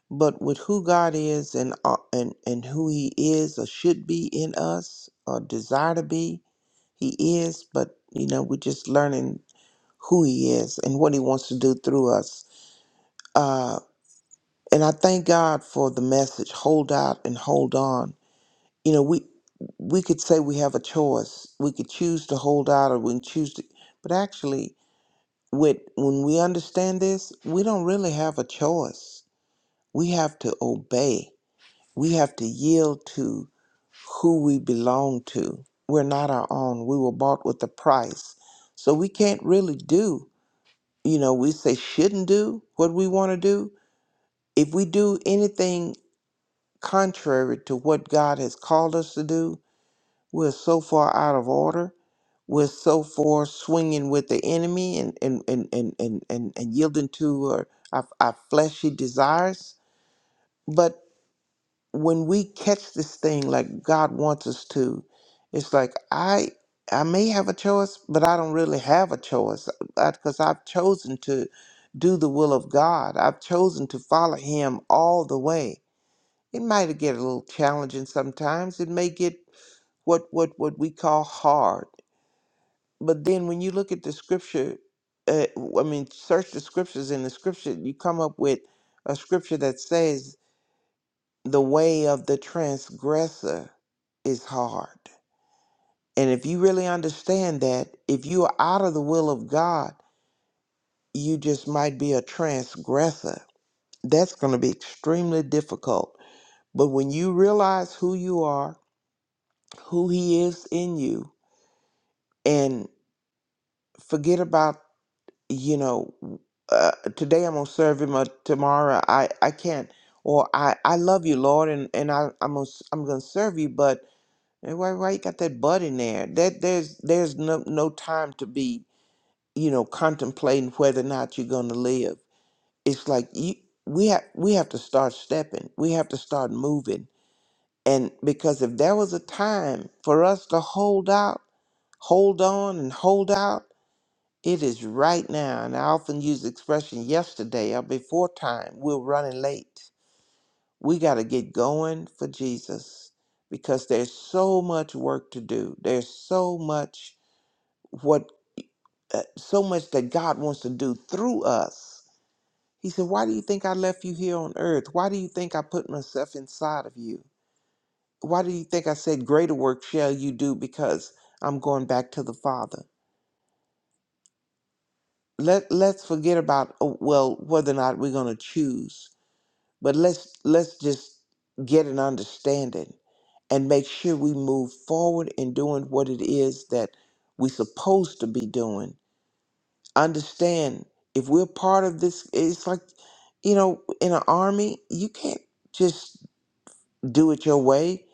S5: but with who God is and uh, and and who He is or should be in us or desire to be, He is. But you know, we're just learning who He is and what He wants to do through us. Uh, and I thank God for the message hold out and hold on. You know, we we could say we have a choice. We could choose to hold out or we can choose to but actually with when we understand this, we don't really have a choice. We have to obey. We have to yield to who we belong to. We're not our own. We were bought with a price. So we can't really do you know, we say shouldn't do what we want to do, if we do anything contrary to what God has called us to do, we're so far out of order. We're so far swinging with the enemy and, and, and, and, and, and, and yielding to our, our, our fleshy desires. when we catch this thing like God wants us to, it's like I I may have a choice, but I don't really have a choice because I've chosen to do the will of God. I've chosen to follow Him all the way. It might get a little challenging sometimes. It may get what what what we call hard. But then when you look at the scripture, uh, I mean, search the scriptures in the scripture, you come up with a scripture that says the way of the transgressor is hard. And if you really understand that, if you are out of the will of God, you just might be a transgressor. That's going to be extremely difficult. But when you realize who you are, who He is in you, and forget about, you know, uh, today I'm going to serve Him, or tomorrow I, I can't, or I, I love you, Lord, and, and I, I'm going to I'm going to serve you, but That's Why, why you got that butt in there? That there's there's no no time to be you know contemplating whether or not you're gonna live. It's like you we have we have to start stepping. We have to start moving. And because if there was a time for us to hold out, hold on and hold out, it is right now. And I often use the expression yesterday or before time. We're running late we got to get going for Jesus because there's so much work to do. There's so much what uh, so much that God wants to do through us. He said, "Why do you think I left you here on earth? Why do you think I put myself inside of you? Why do you think I said greater work shall you do because I'm going back to the Father?" Let let's forget about oh, well whether or not we're going to choose, but let's let's just get an understanding and make sure we move forward in doing what it is that we're supposed to be doing. Understand if we're part of this, it's like, you know, in an army, you can't just do it your way.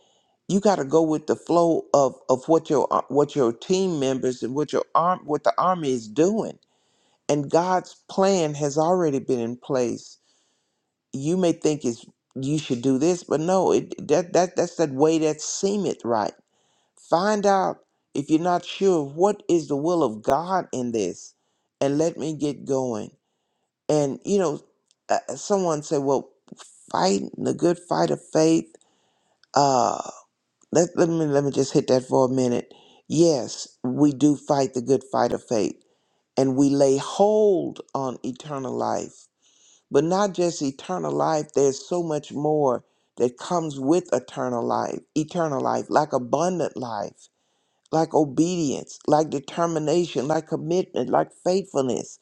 S5: You got to go with the flow of, of what your uh, what your team members and what your arm what the army is doing. And God's plan has already been in place. You may think it's you should do this, but no, it that that that's that way that seemeth right Find out if you're not sure what is the will of God in this, and let me get going. And you know, uh, someone said, "Well, fight the good fight of faith." Uh, let let me let me just hit that for a minute. Yes, we do fight the good fight of faith, and we lay hold on eternal life. But not just eternal life. There's so much more that comes with eternal life. Eternal life, like abundant life like obedience, like determination, like commitment, like faithfulness.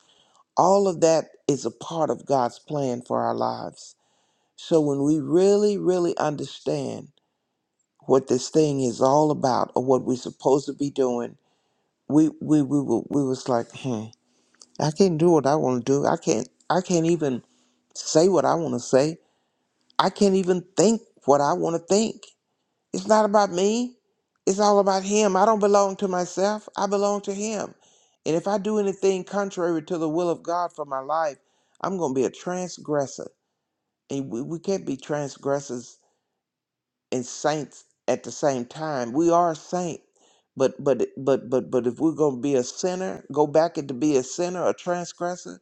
S5: All of that is a part of God's plan for our lives. So when we really, really understand what this thing is all about or what we're supposed to be doing, we we we were we was like, hmm, I can't do what I want to do. I can't I can't even say what I want to say. I can't even think what I want to think. It's not about me. It's all about Him. I don't belong to myself. I belong to Him. And if I do anything contrary to the will of God for my life, I'm going to be a transgressor. And we, we can't be transgressors and saints at the same time. We are a saint, But but but but but if we're gonna be a sinner, go back and to be a sinner, a transgressor.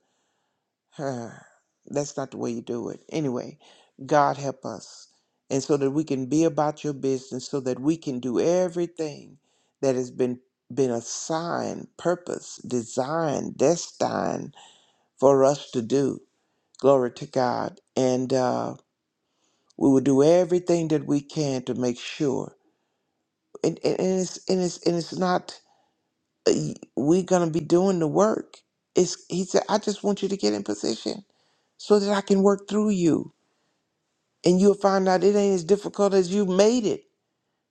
S5: That's not the way you do it. Anyway, God help us. And so that we can be about your business, so that we can do everything that has been been assigned, purpose, designed, destined for us to do. Glory to God. And uh, we will do everything that we can to make sure. And, and, and it's and it's and it's not uh, we're gonna be doing the work. It's he said, I just want you to get in position so that I can work through you and you'll find out it ain't as difficult as you made it.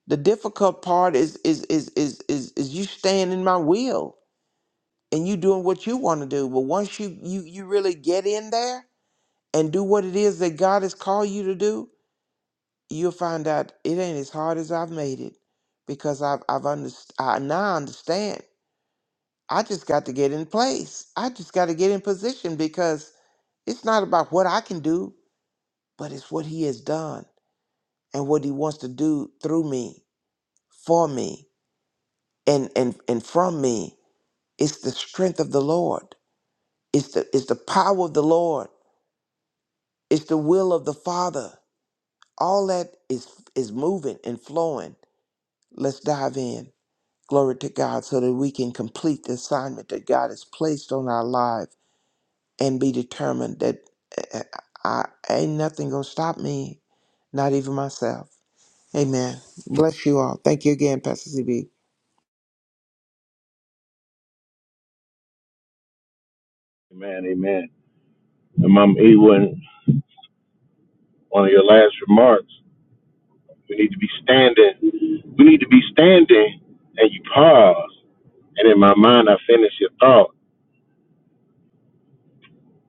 S5: The difficult part is is is is is, is you staying in my will and you doing what you want to do. But once you you you really get in there and do what it is that God has called you to do, you'll find out it ain't as hard as I've made it because I've I've underst- I now understand. I just got to get in place. I just got to get in position because it's not about what I can do, but it's what He has done and what He wants to do through me for me and and and from me it's the strength of the lord it's the it's the power of the lord it's the will of the father all that is is moving and flowing let's dive in glory to god so that we can complete the assignment that god has placed on our life and be determined that uh, i, I ain't nothing gonna stop me not even myself amen bless you all thank you again pastor cb
S2: Amen, amen. And Mom Ewan, one of your last remarks, we need to be standing. We need to be standing, and you pause. And in my mind, I finished your thought.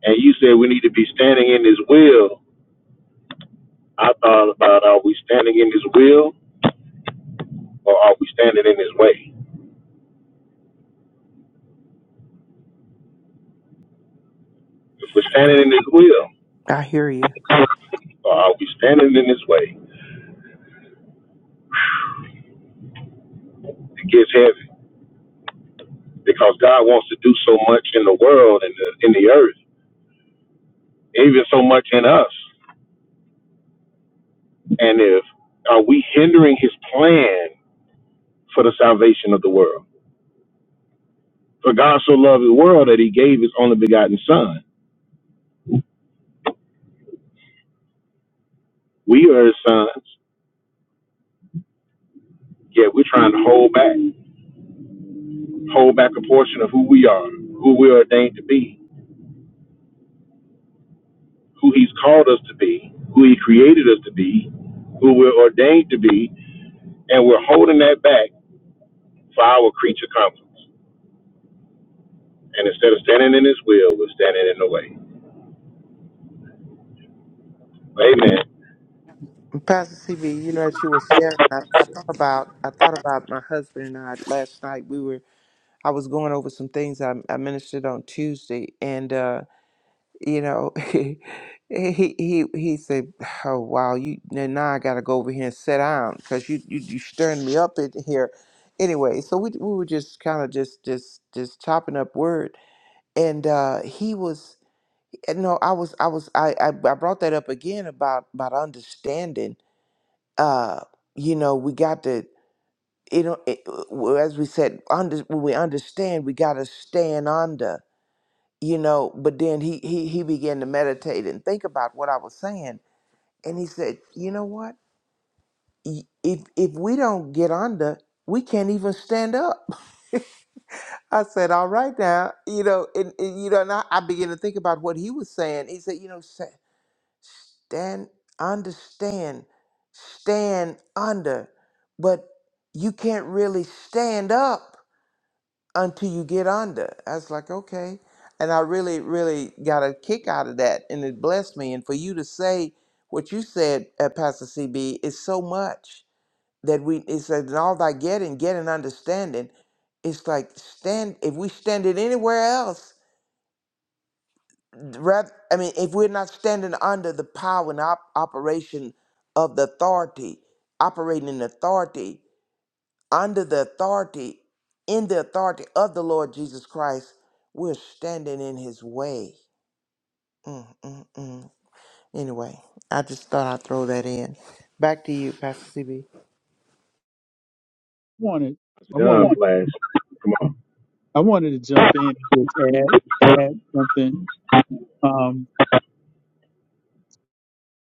S2: And you said we need to be standing in His will. I thought about are we standing in His will? or are we standing in his way? If we're standing in his will,
S5: i hear you
S2: or are we standing in his way? It gets heavy because God wants to do so much in the world and the, in the earth, even so much in us. And if are we hindering his plan for the salvation of the world? For God so loved the world that he gave his only begotten son. We are his sons, yet we're trying to hold back, hold back a portion of who we are, who we're ordained to be who he's called us to be, who he created us to be, who we're ordained to be, and we're holding that back for our creature comforts. And instead of standing in his will, we're standing in the way. Amen.
S5: Pastor CB, you know that you were sharing. I, I thought about I thought about my husband and I last night. We were I was going over some things I, I ministered on Tuesday, and uh, you know he he he said, "Oh wow, you now now I got to go over here and sit down because you, you you stirring me up in here." Anyway, so we we were just kind of just just just chopping up word, and uh, he was no, I was I was I, I I brought that up again about about understanding uh, you know, we got to, you know, it, uh, well, as we said, under, when we understand, we got to stand under, you know. But then he, he he began to meditate and think about what I was saying, and he said, you know what? Y- If if we don't get under, we can't even stand up. I said, all right now, you know, and, and you know, and I, I began to think about what he was saying. He said, you know, stand understand stand under but you can't really stand up until you get under i was like okay and i really really got a kick out of that and it blessed me and for you to say what you said at pastor cb is so much that we it says in all thy getting get an understanding it's like stand if we stand it anywhere else rather, I mean, if we're not standing under the power and op- operation of the authority, operating in authority, under the authority, in the authority of the Lord Jesus Christ, we're standing in his way. Mm, mm, mm. Anyway, I just thought I'd throw that in. Back to you, Pastor CB.
S4: Wanted I
S2: John
S4: wanted
S2: Flash.
S4: I wanted to jump in and just add add something. Um,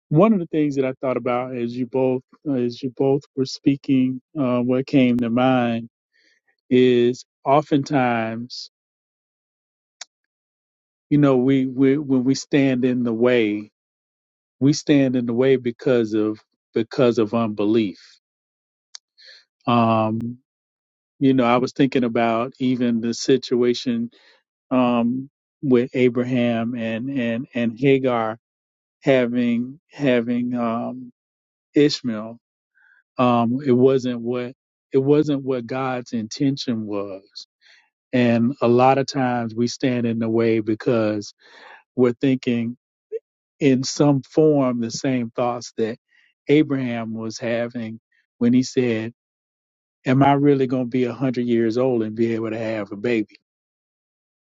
S4: one of the things that I thought about as you both uh, as you both were speaking, uh, what came to mind is oftentimes you know we, we when we stand in the way we stand in the way because of because of unbelief um you know i was thinking about even the situation um with abraham and and and hagar having having um ishmael um it wasn't what it wasn't what god's intention was and a lot of times we stand in the way because we're thinking in some form the same thoughts that Abraham was having when he said, Am I really going to be 100 years old and be able to have a baby?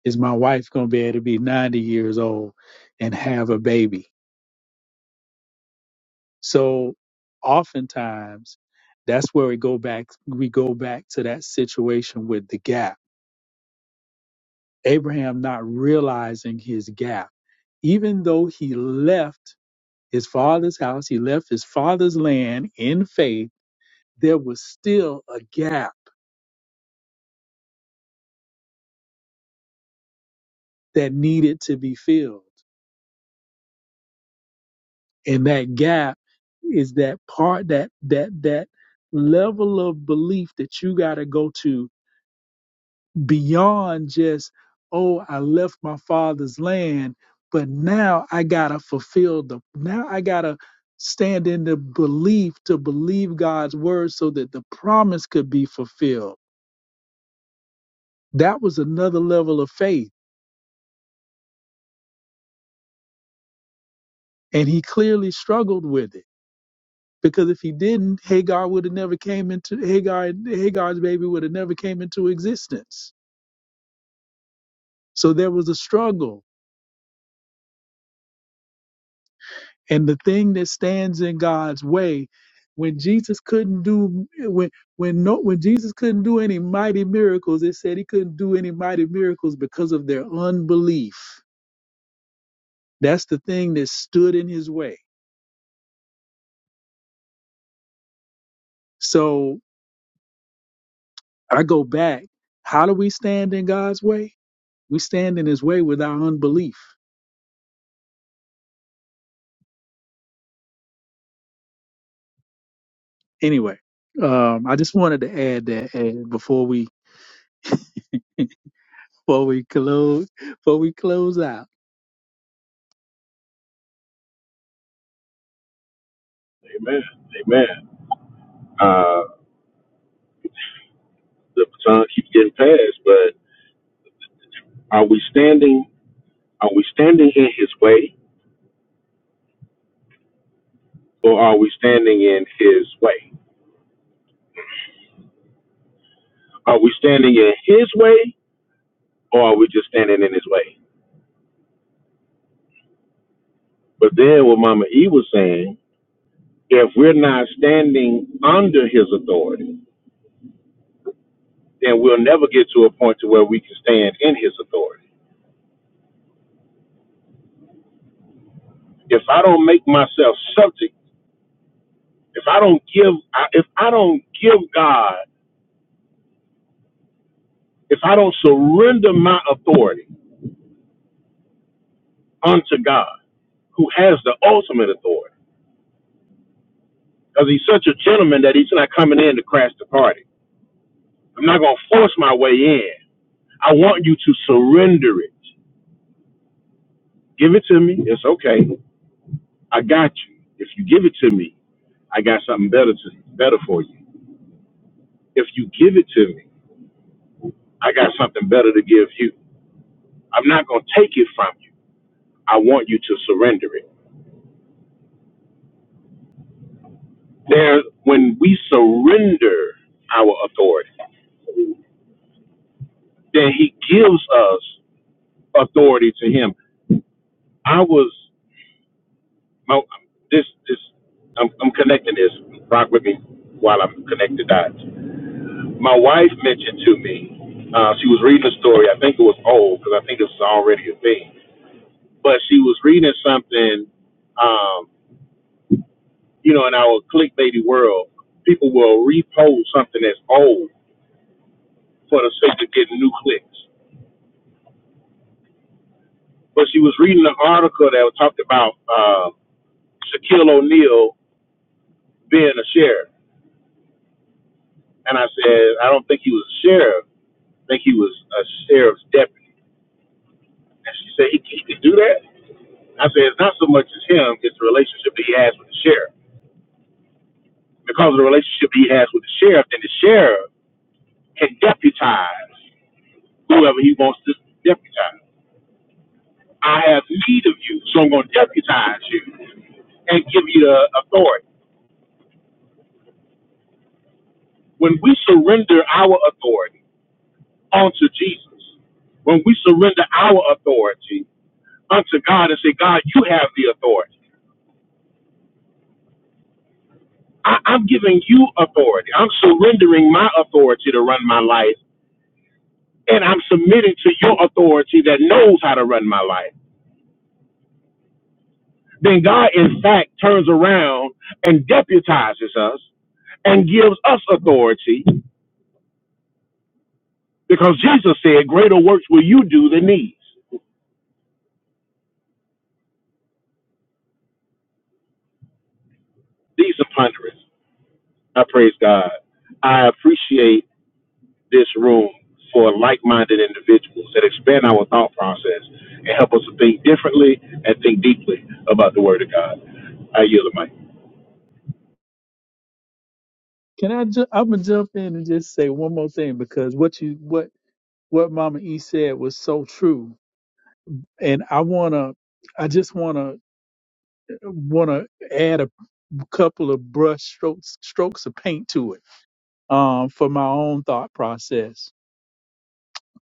S4: Is my wife going to be able to be 90 years old and have a baby? So oftentimes that's where we go back we go back to that situation with the gap. Abraham not realizing his gap. Even though he left his father's house, he left his father's land in faith there was still a gap that needed to be filled. And that gap is that part that that that level of belief that you got to go to beyond just oh I left my father's land but now I got to fulfill the now I got to stand in the belief to believe God's word so that the promise could be fulfilled. That was another level of faith and he clearly struggled with it Because if he didn't, Hagar would have never came into Hagar. Hagar's baby would have never came into existence. So there was a struggle, and the thing that stands in God's way, when Jesus couldn't do when when no when Jesus couldn't do any mighty miracles, it said he couldn't do any mighty miracles because of their unbelief. That's the thing that stood in his way. So I go back. How do we stand in God's way? We stand in his way with our unbelief. anyway, um, I just wanted to add that uh, before we before we close before we close out.
S2: Amen. Amen. Uh, the baton keeps getting passed, but are we standing? Are we standing in his way, or are we standing in his way? Are we standing in his way, or are we just standing in his way? But then what Mama E was saying If we're not standing under his authority, then we'll never get to a point to where we can stand in his authority. If I don't make myself subject, if I don't give, if I don't give God, if I don't surrender my authority unto God, who has the ultimate authority, because he's such a gentleman that he's not coming in to crash the party. I'm not going to force my way in. I want you to surrender it. Give it to me. It's okay. I got you. If you give it to me, I got something better to better for you. If you give it to me, I got something better to give you. I'm not going to take it from you. I want you to surrender it. There, when we surrender our authority, then He gives us authority to Him. I was my, this this I'm, I'm connecting this. Rock with me while I'm connected dots. My wife mentioned to me uh, she was reading a story. I think it was old because I think this is already a thing. but she was reading something, um, you know, in our clickbaity world, people will repost something that's old for the sake of getting new clicks. But she was reading an article that talked about uh, Shaquille O'Neal being a sheriff. And I said, I don't think he was a sheriff. I think he was a sheriff's deputy. And she said, he, he could do that? I said, it's not so much as him, it's the relationship that he has with the sheriff. Because of the relationship he has with the sheriff, then the sheriff can deputize whoever he wants to deputize. I have need of you, so I'm going to deputize you and give you the authority. When we surrender our authority unto Jesus, when we surrender our authority unto God and say, God, you have the authority. I, I'm giving you authority. I'm surrendering my authority to run my life, and I'm submitting to your authority that knows how to run my life. then God, in fact, turns around and deputizes us and gives us authority because Jesus said, Greater works will you do than these. These are ponderous. I praise God. I appreciate this room for like minded individuals that expand our thought process and help us to think differently and think deeply about the Word of God. I yield the mic.
S4: Can I? Ju- I'm gonna jump in and just say one more thing because what you what what Mama E said was so true, and I wanna I just wanna wanna add. couple of brush strokes strokes of paint to it um, for my own thought process.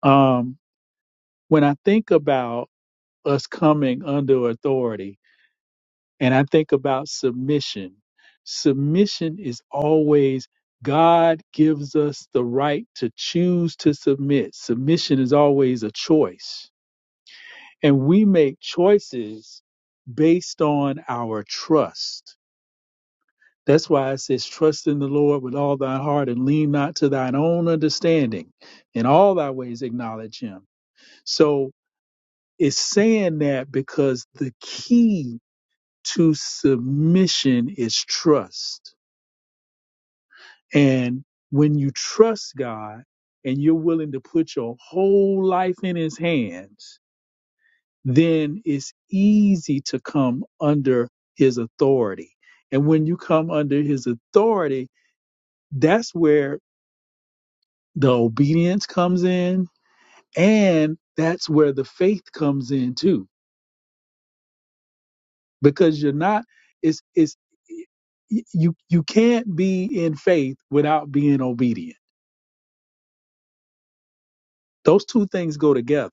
S4: Um, when I think about us coming under authority and I think about submission, submission is always God gives us the right to choose to submit. Submission is always a choice. And we make choices based on our trust That's why it says, Trust in the Lord with all thy heart and lean not to thine own understanding. In all thy ways acknowledge him. So it's saying that because the key to submission is trust. And when you trust God and you're willing to put your whole life in his hands, then it's easy to come under his authority. And when you come under his authority, that's where the obedience comes in and that's where the faith comes in too because you're not it's it's you you can't be in faith without being obedient those two things go together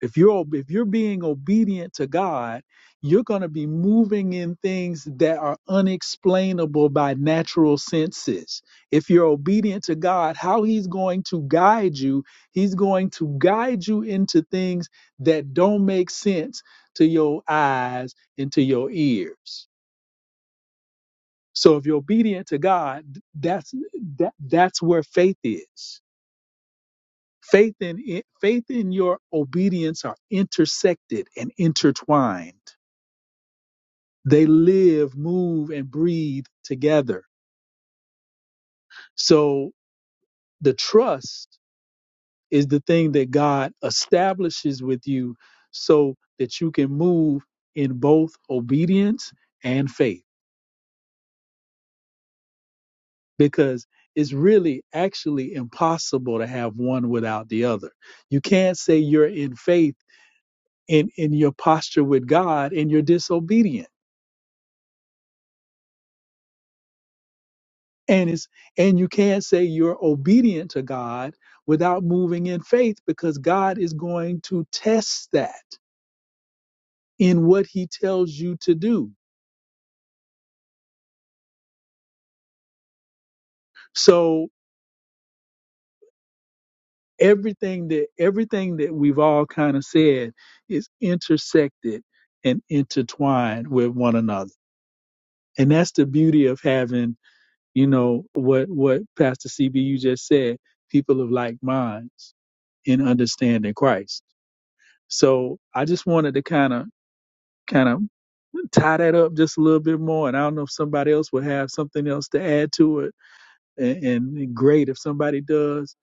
S4: If you're if you're being obedient to God, you're going to be moving in things that are unexplainable by natural senses. If you're obedient to God, how he's going to guide you, he's going to guide you into things that don't make sense to your eyes and to your ears. So if you're obedient to God, that's that, that's where faith is Faith and i- faith and your obedience are intersected and intertwined. They live, move, and breathe together. So the trust is the thing that God establishes with you so that you can move in both obedience and faith. Because it's really actually impossible to have one without the other. You can't say you're in faith in, in your posture with God and you're disobedient And it's and you can't say you're obedient to God without moving in faith because God is going to test that in what he tells you to do. So everything that everything that we've all kind of said is intersected and intertwined with one another. And that's the beauty of having, you know, what what Pastor CB you just said, people of like minds in understanding Christ. So I just wanted to kind of kind of tie that up just a little bit more. And I don't know if somebody else will have something else to add to it. And, and great if somebody does.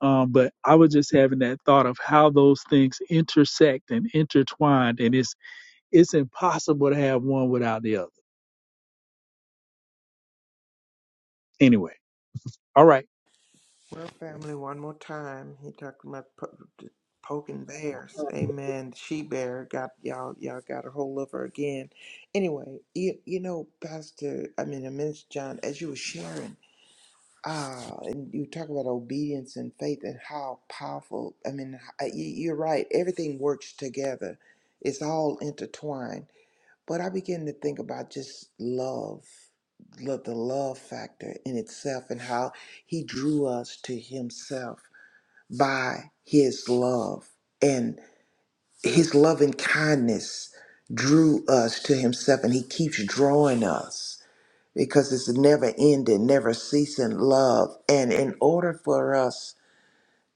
S4: Um, but I was just having that thought of how those things intersect and intertwined, and it's it's impossible to have one without the other. Anyway, all right.
S5: Well, family, one more time. He talked about po- poking bears. Amen. She bear got y'all. Y'all got a hold of her again. Anyway, you you know, Pastor. I mean, Minister John, as you were sharing, ah, and you talk about obedience and faith and how powerful. I mean, I- you- you're right. Everything works together. It's all intertwined but I began to think about just love, lo- the love factor in itself, and how He drew us to Himself by His love. And His loving kindness drew us to Himself, and He keeps drawing us because it's never ending, never ceasing love. And in order for us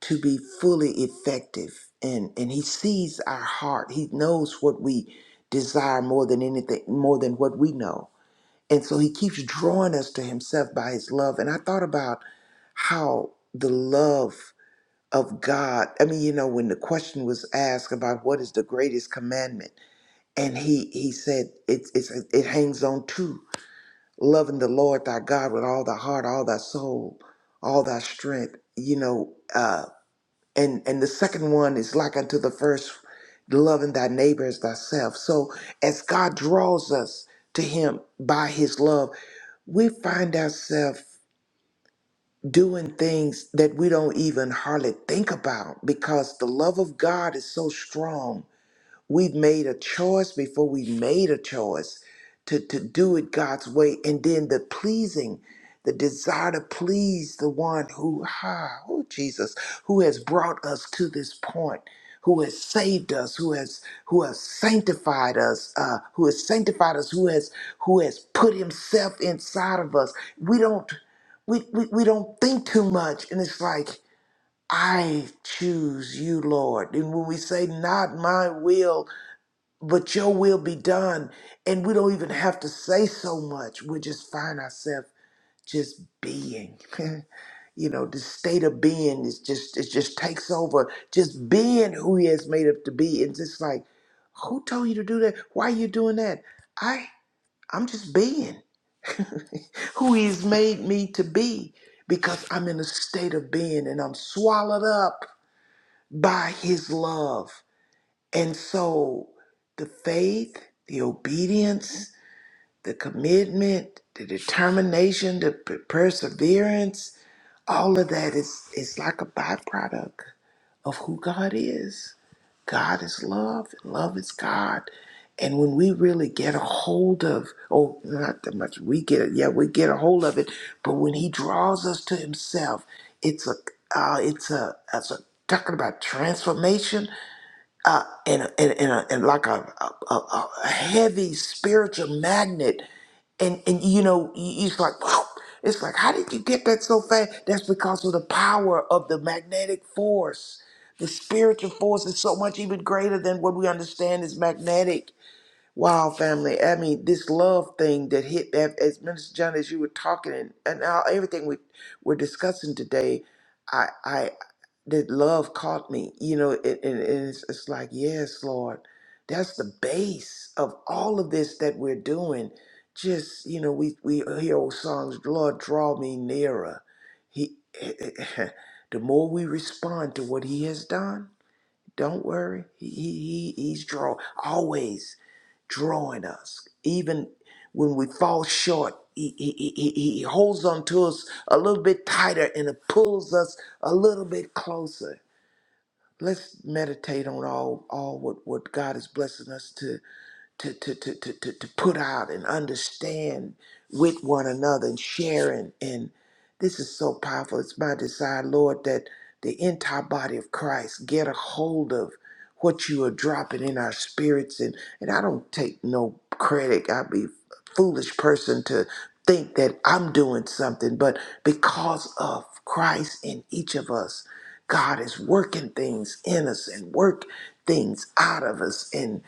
S5: to be fully effective, and, and He sees our heart, He knows what we desire more than anything, more than what we know. And so he keeps drawing us to himself by his love. And I thought about how the love of God, I mean, you know, when the question was asked about what is the greatest commandment, and he he said it's it's it hangs on to loving the Lord thy God with all thy heart, all thy soul, all thy strength, you know, uh and and the second one is like unto the first loving thy neighbor as thyself. So as God draws us to him by his love, we find ourselves doing things that we don't even hardly think about because the love of God is so strong We've made a choice before we made a choice to, to do it God's way. And then the pleasing, the desire to please the one who, ah, oh Jesus, who has brought us to this point, who has saved us, who has who has sanctified us, uh, who has sanctified us, who has who has put himself inside of us. We don't we, we, we don't think too much. And it's like, I choose you, Lord. And when we say, Not my will, but your will be done. And we don't even have to say so much. We just find ourselves just being. you know, the state of being is just it just takes over. Just being who he has made up to be. It's just like, who told you to do that? Why are you doing that? I I'm just being who he's made me to be because I'm in a state of being and I'm swallowed up by his love. And so the faith, the obedience, the commitment, the determination, the p- perseverance, all of that is, is like a byproduct of who God is. God is love, and love is God. And when we really get a hold of, oh, not that much, we get it, yeah, we get a hold of it, but when He draws us to Himself, it's a, uh, it's a, it's a, talking about transformation, uh, and, and, and, a, and like a, a, a a heavy spiritual magnet. And, and you know, you- it's like, whew, it's like, how did you get that so fast? That's because of the power of the magnetic force. The spiritual force is so much even greater than what we understand is magnetic Wow, family. I mean, this love thing that hit that as Minister John, as you were talking and, and now everything we we're discussing today, I I that love caught me. You know, it, and and it's, it's like, yes, Lord, that's the base of all of this that we're doing. Just you know, we we hear old songs, Lord, draw me nearer. He, the more we respond to what He has done don't worry. He, he, he he's draw always drawing us. Even when we fall short, he, he, he, he he holds on to us a little bit tighter and it pulls us a little bit closer. Let's meditate on all all what, what God is blessing us to to, to, to, to, to, to put out and understand with one another and sharing. And this is so powerful. It's my desire, Lord, that the entire body of Christ get a hold of what you are dropping in our spirits. And, and I don't take no credit. I be foolish person to think that I'm doing something, but because of Christ in each of us, God is working things in us and work things out of us and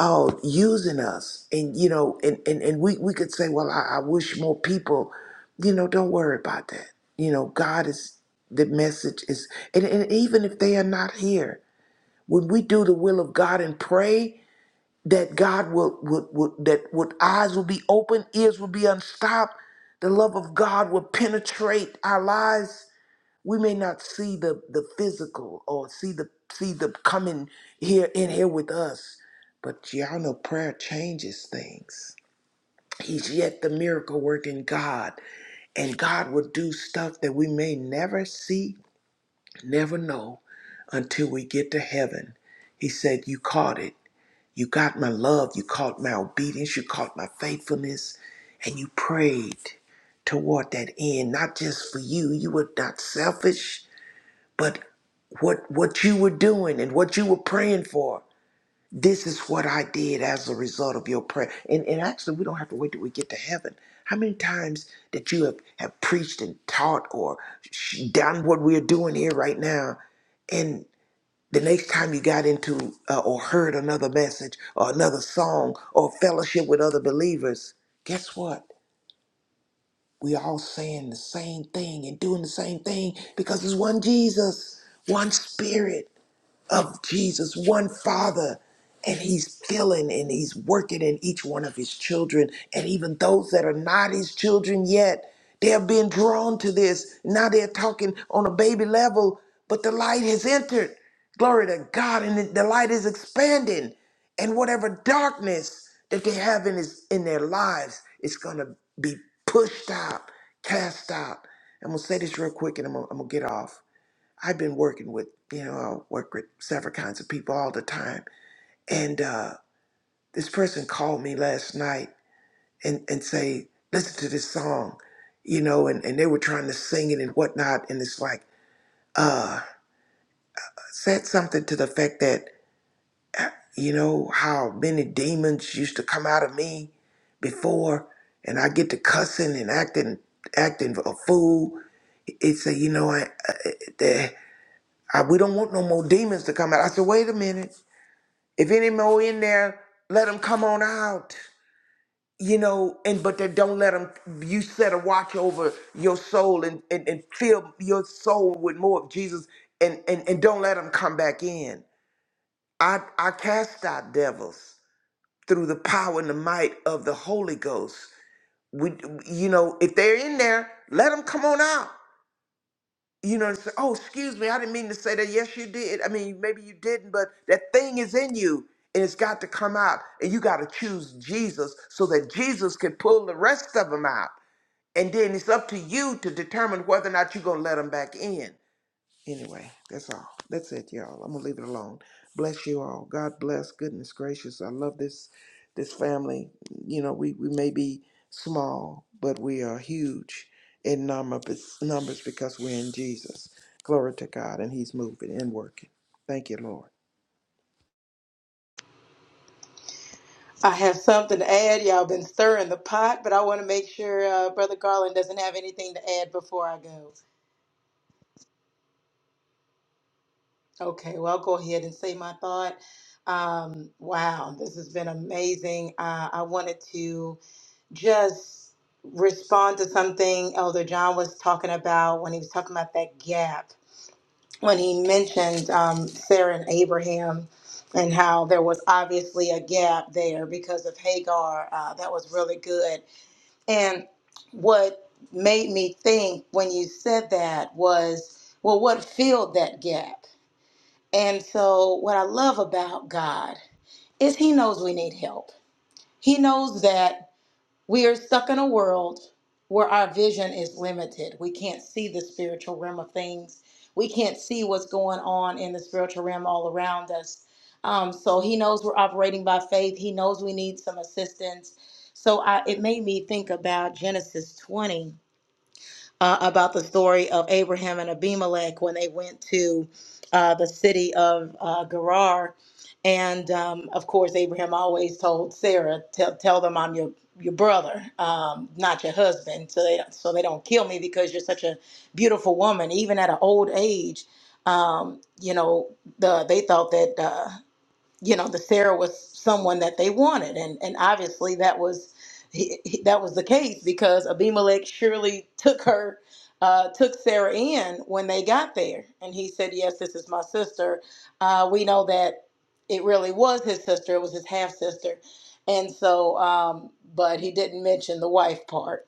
S5: oh using us. And you know, and and, and we, we could say, Well, I, I wish more people, you know, don't worry about that. You know, God is the message is and, and even if they are not here, when we do the will of God and pray, that God will would would that would eyes will be open, ears will be unstopped, the love of God will penetrate our lives. We may not see the the physical or see the see the coming here in here with us, but y'all know prayer changes things. He's yet the miracle working God, and God will do stuff that we may never see, never know until we get to heaven. He said, You caught it you got my love, you caught my obedience, you caught my faithfulness, and you prayed toward that end, not just for you. You were not selfish, but what what you were doing and what you were praying for. This is what I did as a result of your prayer. And and actually we don't have to wait till we get to heaven. How many times that you have, have preached and taught or sh- done what we're doing here right now and. The next time you got into uh, or heard another message or another song or fellowship with other believers, guess what? We all saying the same thing and doing the same thing because it's one Jesus, one spirit of Jesus, one Father. And he's filling and he's working in each one of his children. And even those that are not his children yet, they're being drawn to this. Now they're talking on a baby level, but the light has entered. Glory to God. And the the light is expanding. And whatever darkness that they have in, his, in their lives is going to be pushed out, cast out. I'm going to say this real quick and I'm going to get off I've been working with, you know, I work with several kinds of people all the time. And uh, this person called me last night and, and say, listen to this song, you know, and, and they were trying to sing it and whatnot. And it's like, said something to the effect that, you know, how many demons used to come out of me before and I get to cussing and acting acting a fool. It said, you know, I, I, I, we don't want no more demons to come out. I said, wait a minute. If any more in there, let them come on out. You know, and but then don't let them. You set a watch over your soul and and, and fill your soul with more of Jesus, and and and don't let them come back in. I I cast out devils through the power and the might of the Holy Ghost. We, you know, if they're in there, let them come on out. you know, and say, oh, excuse me, I didn't mean to say that. Yes, you did. I mean, maybe you didn't, but that thing is in you and it's got to come out. And you got to choose Jesus so that Jesus can pull the rest of them out. And then it's up to you to determine whether or not you're going to let them back in. Anyway, that's all. That's it, y'all. I'm gonna leave it alone. Bless you all. God bless. Goodness gracious. I love this this family. You know, we, we may be small, but we are huge in numbers numbers because we're in Jesus. Glory to God, and He's moving and working. Thank you, Lord.
S3: I have something to add. Y'all been stirring the pot, but I want to make sure uh, Brother Garland doesn't have anything to add before I go. Okay, well, I'll go ahead and say my thought. Um, wow, this has been amazing. Uh, I wanted to just respond to something Elder John was talking about when he was talking about that gap, when he mentioned um, Sarah and Abraham and how there was obviously a gap there because of Hagar. Uh, that was really good. And what made me think when you said that was, well, what filled that gap? And so, what I love about God is He knows we need help. He knows that we are stuck in a world where our vision is limited. We can't see the spiritual realm of things, we can't see what's going on in the spiritual realm all around us. Um, so, He knows we're operating by faith, He knows we need some assistance. So, I, it made me think about Genesis 20 uh, about the story of Abraham and Abimelech when they went to uh, the city of uh, Gerar. And um, of course, Abraham always told Sarah, "Tell, tell them I'm your your brother, um, not your husband, so they so they don't kill me because you're such a beautiful woman, even at an old age." Um, you know, the, they thought that. Uh, you know the Sarah was someone that they wanted, and and obviously that was he, he- that was the case because Abimelech surely took her. Uh, took Sarah in when they got there, and he said, "Yes, this is my sister." Uh, we know that it really was his sister; it was his half sister, and so, um, but he didn't mention the wife part.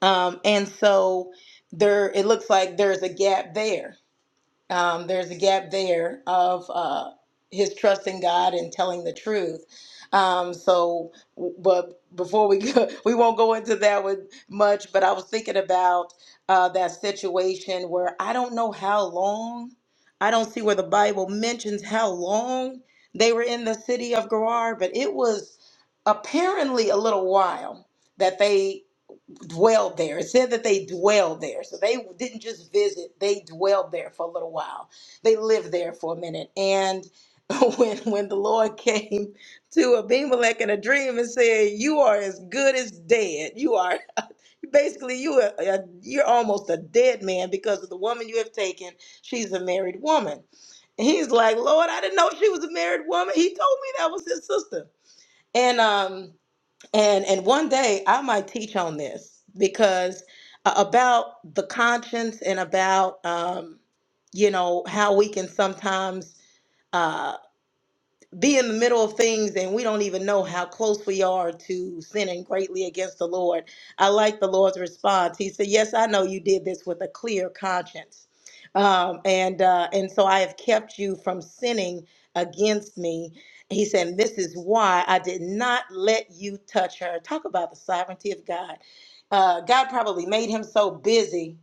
S3: Um, and so, there, it looks like there's a gap there um, there's a gap there of uh, his trust in God and telling the truth. Um, so, but before we go, we won't go into that with much. But I was thinking about uh, that situation where I don't know how long. I don't see where the Bible mentions how long they were in the city of Gerar, but it was apparently a little while that they dwelled there. It said that they dwelled there. So they didn't just visit, they dwelled there for a little while. They lived there for a minute. And when when the Lord came to Abimelech in a dream and said, You are as good as dead. You are basically you are uh, you're almost a dead man because of the woman you have taken. She's a married woman. And he's like, Lord, I didn't know she was a married woman. He told me that was his sister. And um and and one day I might teach on this because uh, about the conscience and about um, you know how we can sometimes uh, be in the middle of things and we don't even know how close we are to sinning greatly against the Lord. I like the Lord's response. He said, Yes, I know you did this with a clear conscience. Um, and uh, and so I have kept you from sinning against me. He said, This is why I did not let you touch her. Talk about the sovereignty of God. Uh, God probably made him so busy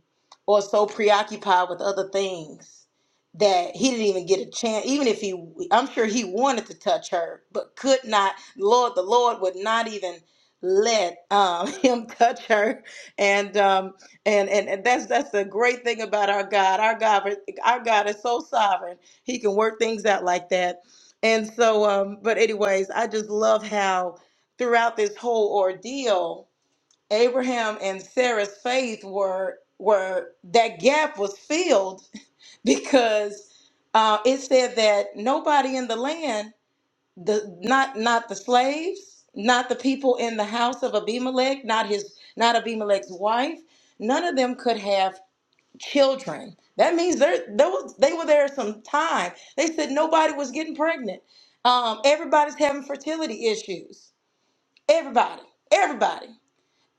S3: or so preoccupied with other things that he didn't even get a chance even if he i'm sure he wanted to touch her but could not lord the lord would not even let um, him touch her and um and, and and that's that's the great thing about our god our god our god is so sovereign he can work things out like that and so um but anyways i just love how throughout this whole ordeal Abraham and Sarah's faith were were that gap was filled because uh, it said that nobody in the land, the not not the slaves, not the people in the house of Abimelech, not his not Abimelech's wife, none of them could have children. That means there there was they were there some time. They said nobody was getting pregnant. Um, everybody's having fertility issues. Everybody, everybody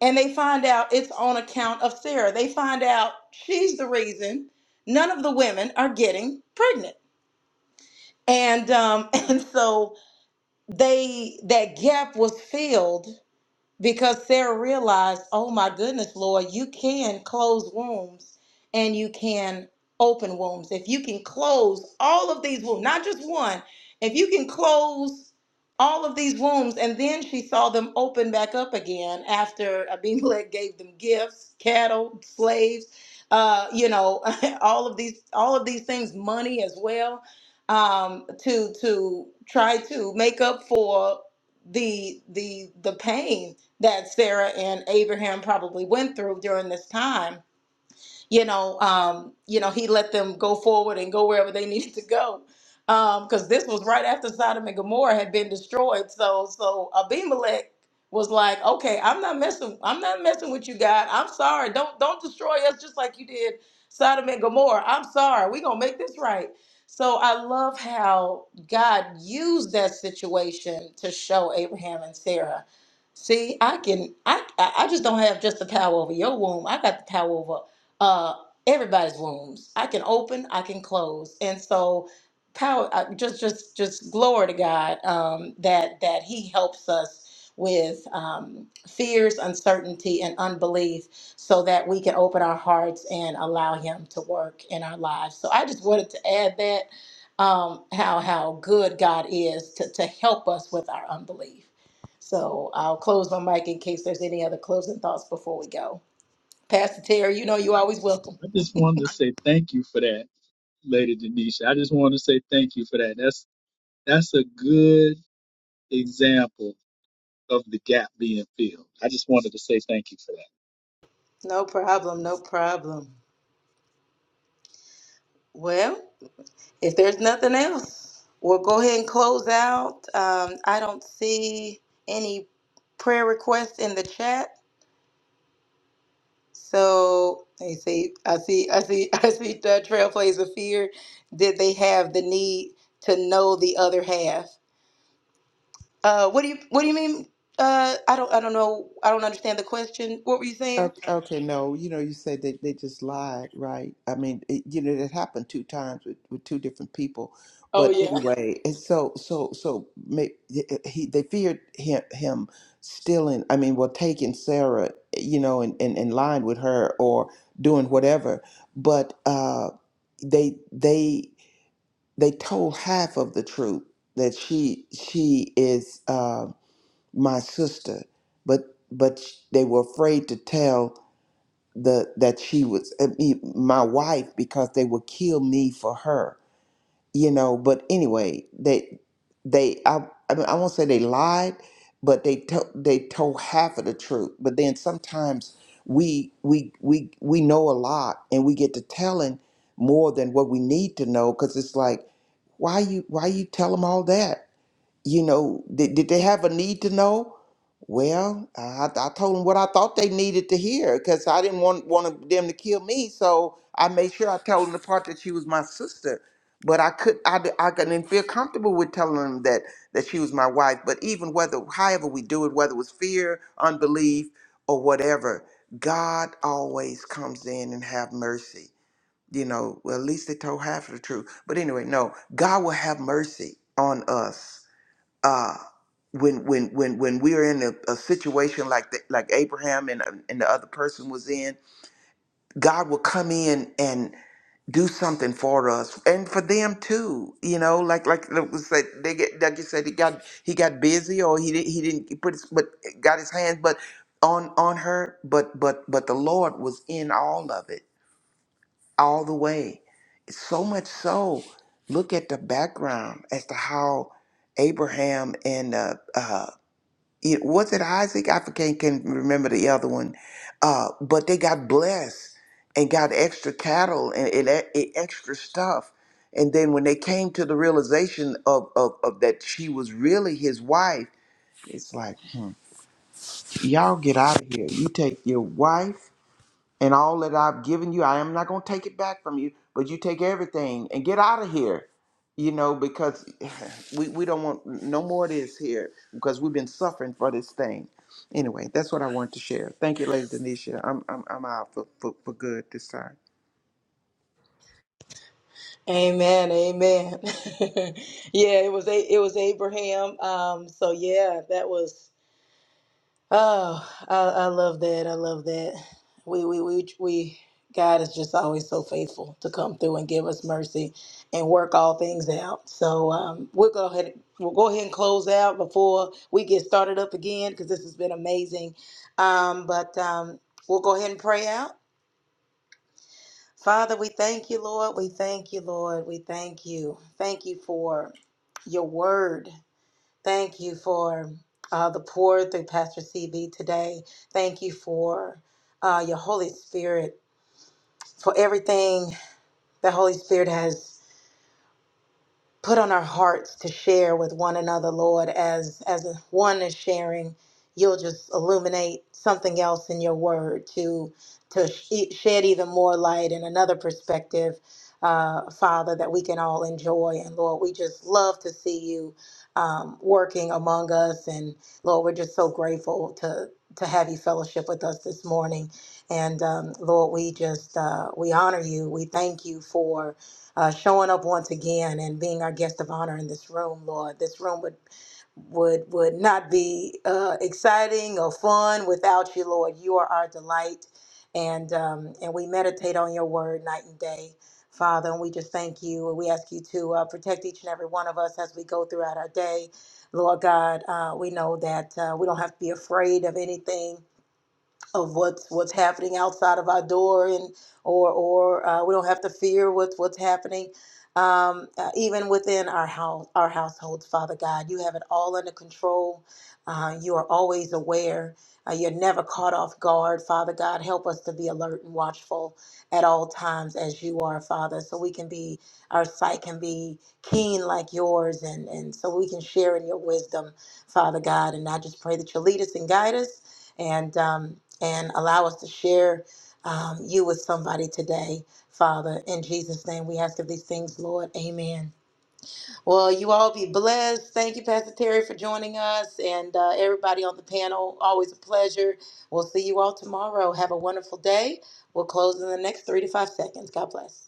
S3: and they find out it's on account of Sarah. They find out she's the reason none of the women are getting pregnant, and um, and so they that gap was filled because Sarah realized, oh my goodness, Lord, you can close wombs and you can open wombs. If you can close all of these wombs, not just one, if you can close all of these wombs, and then she saw them open back up again after Abimelech gave them gifts, cattle, slaves, uh, you know, all of these, all of these things, money as well, um, to to try to make up for the the the pain that Sarah and Abraham probably went through during this time you know, um, you know, he let them go forward and go wherever they needed to go. Because this was right after Sodom and Gomorrah had been destroyed. So so Abimelech was like, okay, I'm not messing, I'm not messing with you, God. I'm sorry. Don't don't destroy us just like you did Sodom and Gomorrah. I'm sorry. We're gonna make this right. So I love how God used that situation to show Abraham and Sarah. See, I can I I I just don't have just the power over your womb. I got the power over uh, everybody's wombs. I can open, I can close, and so power. I- Just, just, just glory to God um, that that He helps us with um, fears, uncertainty, and unbelief, so that we can open our hearts and allow Him to work in our lives. So I just wanted to add that um, how how good God is to to help us with our unbelief. So I'll close my mic in case there's any other closing thoughts before we go. Pastor Terry, you know you're
S4: I,
S3: always welcome.
S4: I just wanted to say thank you for that, Lady Denisha. I just wanted to say thank you for that. That's that's a good example of the gap being filled. I just wanted to say thank you for that.
S3: No problem, no problem. Well, if there's nothing else, we'll go ahead and close out. Um, I don't see any prayer requests in the chat. So let me see. I see. I see. I see. The Trailblazer Fear. Did they have the need to know the other half? Uh, what do you What do you mean? Uh, I don't. I don't know. I don't understand the question. What were you saying?
S5: Okay, okay, no, you know, you said they, they just lied, right? I mean, it, you know, it happened two times with, with two different people,
S3: Oh
S5: but
S3: yeah.
S5: anyway, and so so so may, he they feared him him stealing. I mean, well, taking Sarah, you know, and and, and lying with her or doing whatever, but uh, they they they told half of the truth that she she is uh, my sister, but but they were afraid to tell the that she was I mean, my wife because they would kill me for her you know but anyway they they i, I mean i won't say they lied but they to, they told half of the truth but then sometimes we we we we know a lot and we get to telling more than what we need to know because it's like why you why you tell them all that you know, did, did they have a need to know? Well, I, I told them what I thought they needed to hear because I didn't want, want them to kill me. So I made sure I told them the part that she was my sister. But I could I, d- I couldn't feel comfortable with telling them that that she was my wife. But even whether however we do it, whether it was fear, unbelief, or whatever, God always comes in and have mercy. You know, well, at least they told half of the truth. But anyway, no, God will have mercy on us uh, when when when when we're in a, a situation like the, like Abraham and um, and the other person was in, God will come in and do something for us and for them too. You know, like like it was said, they get like you said, he got he got busy or he didn't he didn't he put his, but got his hands but on on her, but but but the Lord was in all of it all the way. So much so, look at the background as to how Abraham and uh, uh, it was it Isaac? I can't, can remember the other one. Uh, but they got blessed and got extra cattle and, and, e- e- extra stuff. And then when they came to the realization of, of, of that she was really his wife, it's like, hmm, y'all get out of here. You take your wife and all that I've given you, I am not going to take it back from you, but you take everything and get out of here. You know, because we, we don't want no more of this here because we've been suffering for this thing. Anyway, that's what I wanted to share. Thank you, Lady Denisha. I'm, I'm, I'm out for, for, for good this time.
S3: Amen, amen. yeah, it was a it was Abraham. Um, so yeah, that was oh, I, I love that. I love that. We we we we God is just always so faithful to come through and give us mercy and work all things out. So um, we'll go ahead we'll go ahead and close out before we get started up again because this has been amazing. Um, but um, we'll go ahead and pray out. Father, we thank you, Lord. We thank you, Lord. We thank you. Thank you for your word. Thank you for uh, the pour through Pastor CB today. Thank you for uh, your Holy Spirit, for everything the Holy Spirit has. put on our hearts to share with one another, Lord, as as one is sharing, you'll just illuminate something else in your word to to sh- e, shed even more light and another perspective, uh, Father, that we can all enjoy. And Lord, we just love to see you um, working among us, and Lord, we're just so grateful to to have you fellowship with us this morning. And um, Lord, we just uh, we honor you. We thank you for uh, showing up once again and being our guest of honor in this room, Lord. This room would would would not be uh, exciting or fun without you, Lord. You are our delight, and um, and we meditate on your word night and day, Father. And we just thank you, and we ask you to uh, protect each and every one of us as we go throughout our day. Lord God, uh, we know that uh, we don't have to be afraid of anything of what's what's happening outside of our door, and or or uh, we don't have to fear what's what's happening. Um, uh, even within our house, our households, Father God, you have it all under control. Uh, you are always aware. Uh, you're never caught off guard, Father God. Help us to be alert and watchful at all times, as you are, Father, so we can be our sight can be keen like yours, and and so we can share in your wisdom, Father God. And I just pray that you lead us and guide us and um, and allow us to share um, you with somebody today, Father. In Jesus' name, we ask of these things, Lord. Amen. Well, you all be blessed. Thank you, Pastor Terry, for joining us, and uh, everybody on the panel. Always a pleasure. We'll see you all tomorrow. Have a wonderful day. We'll close in the next three to five seconds. God bless.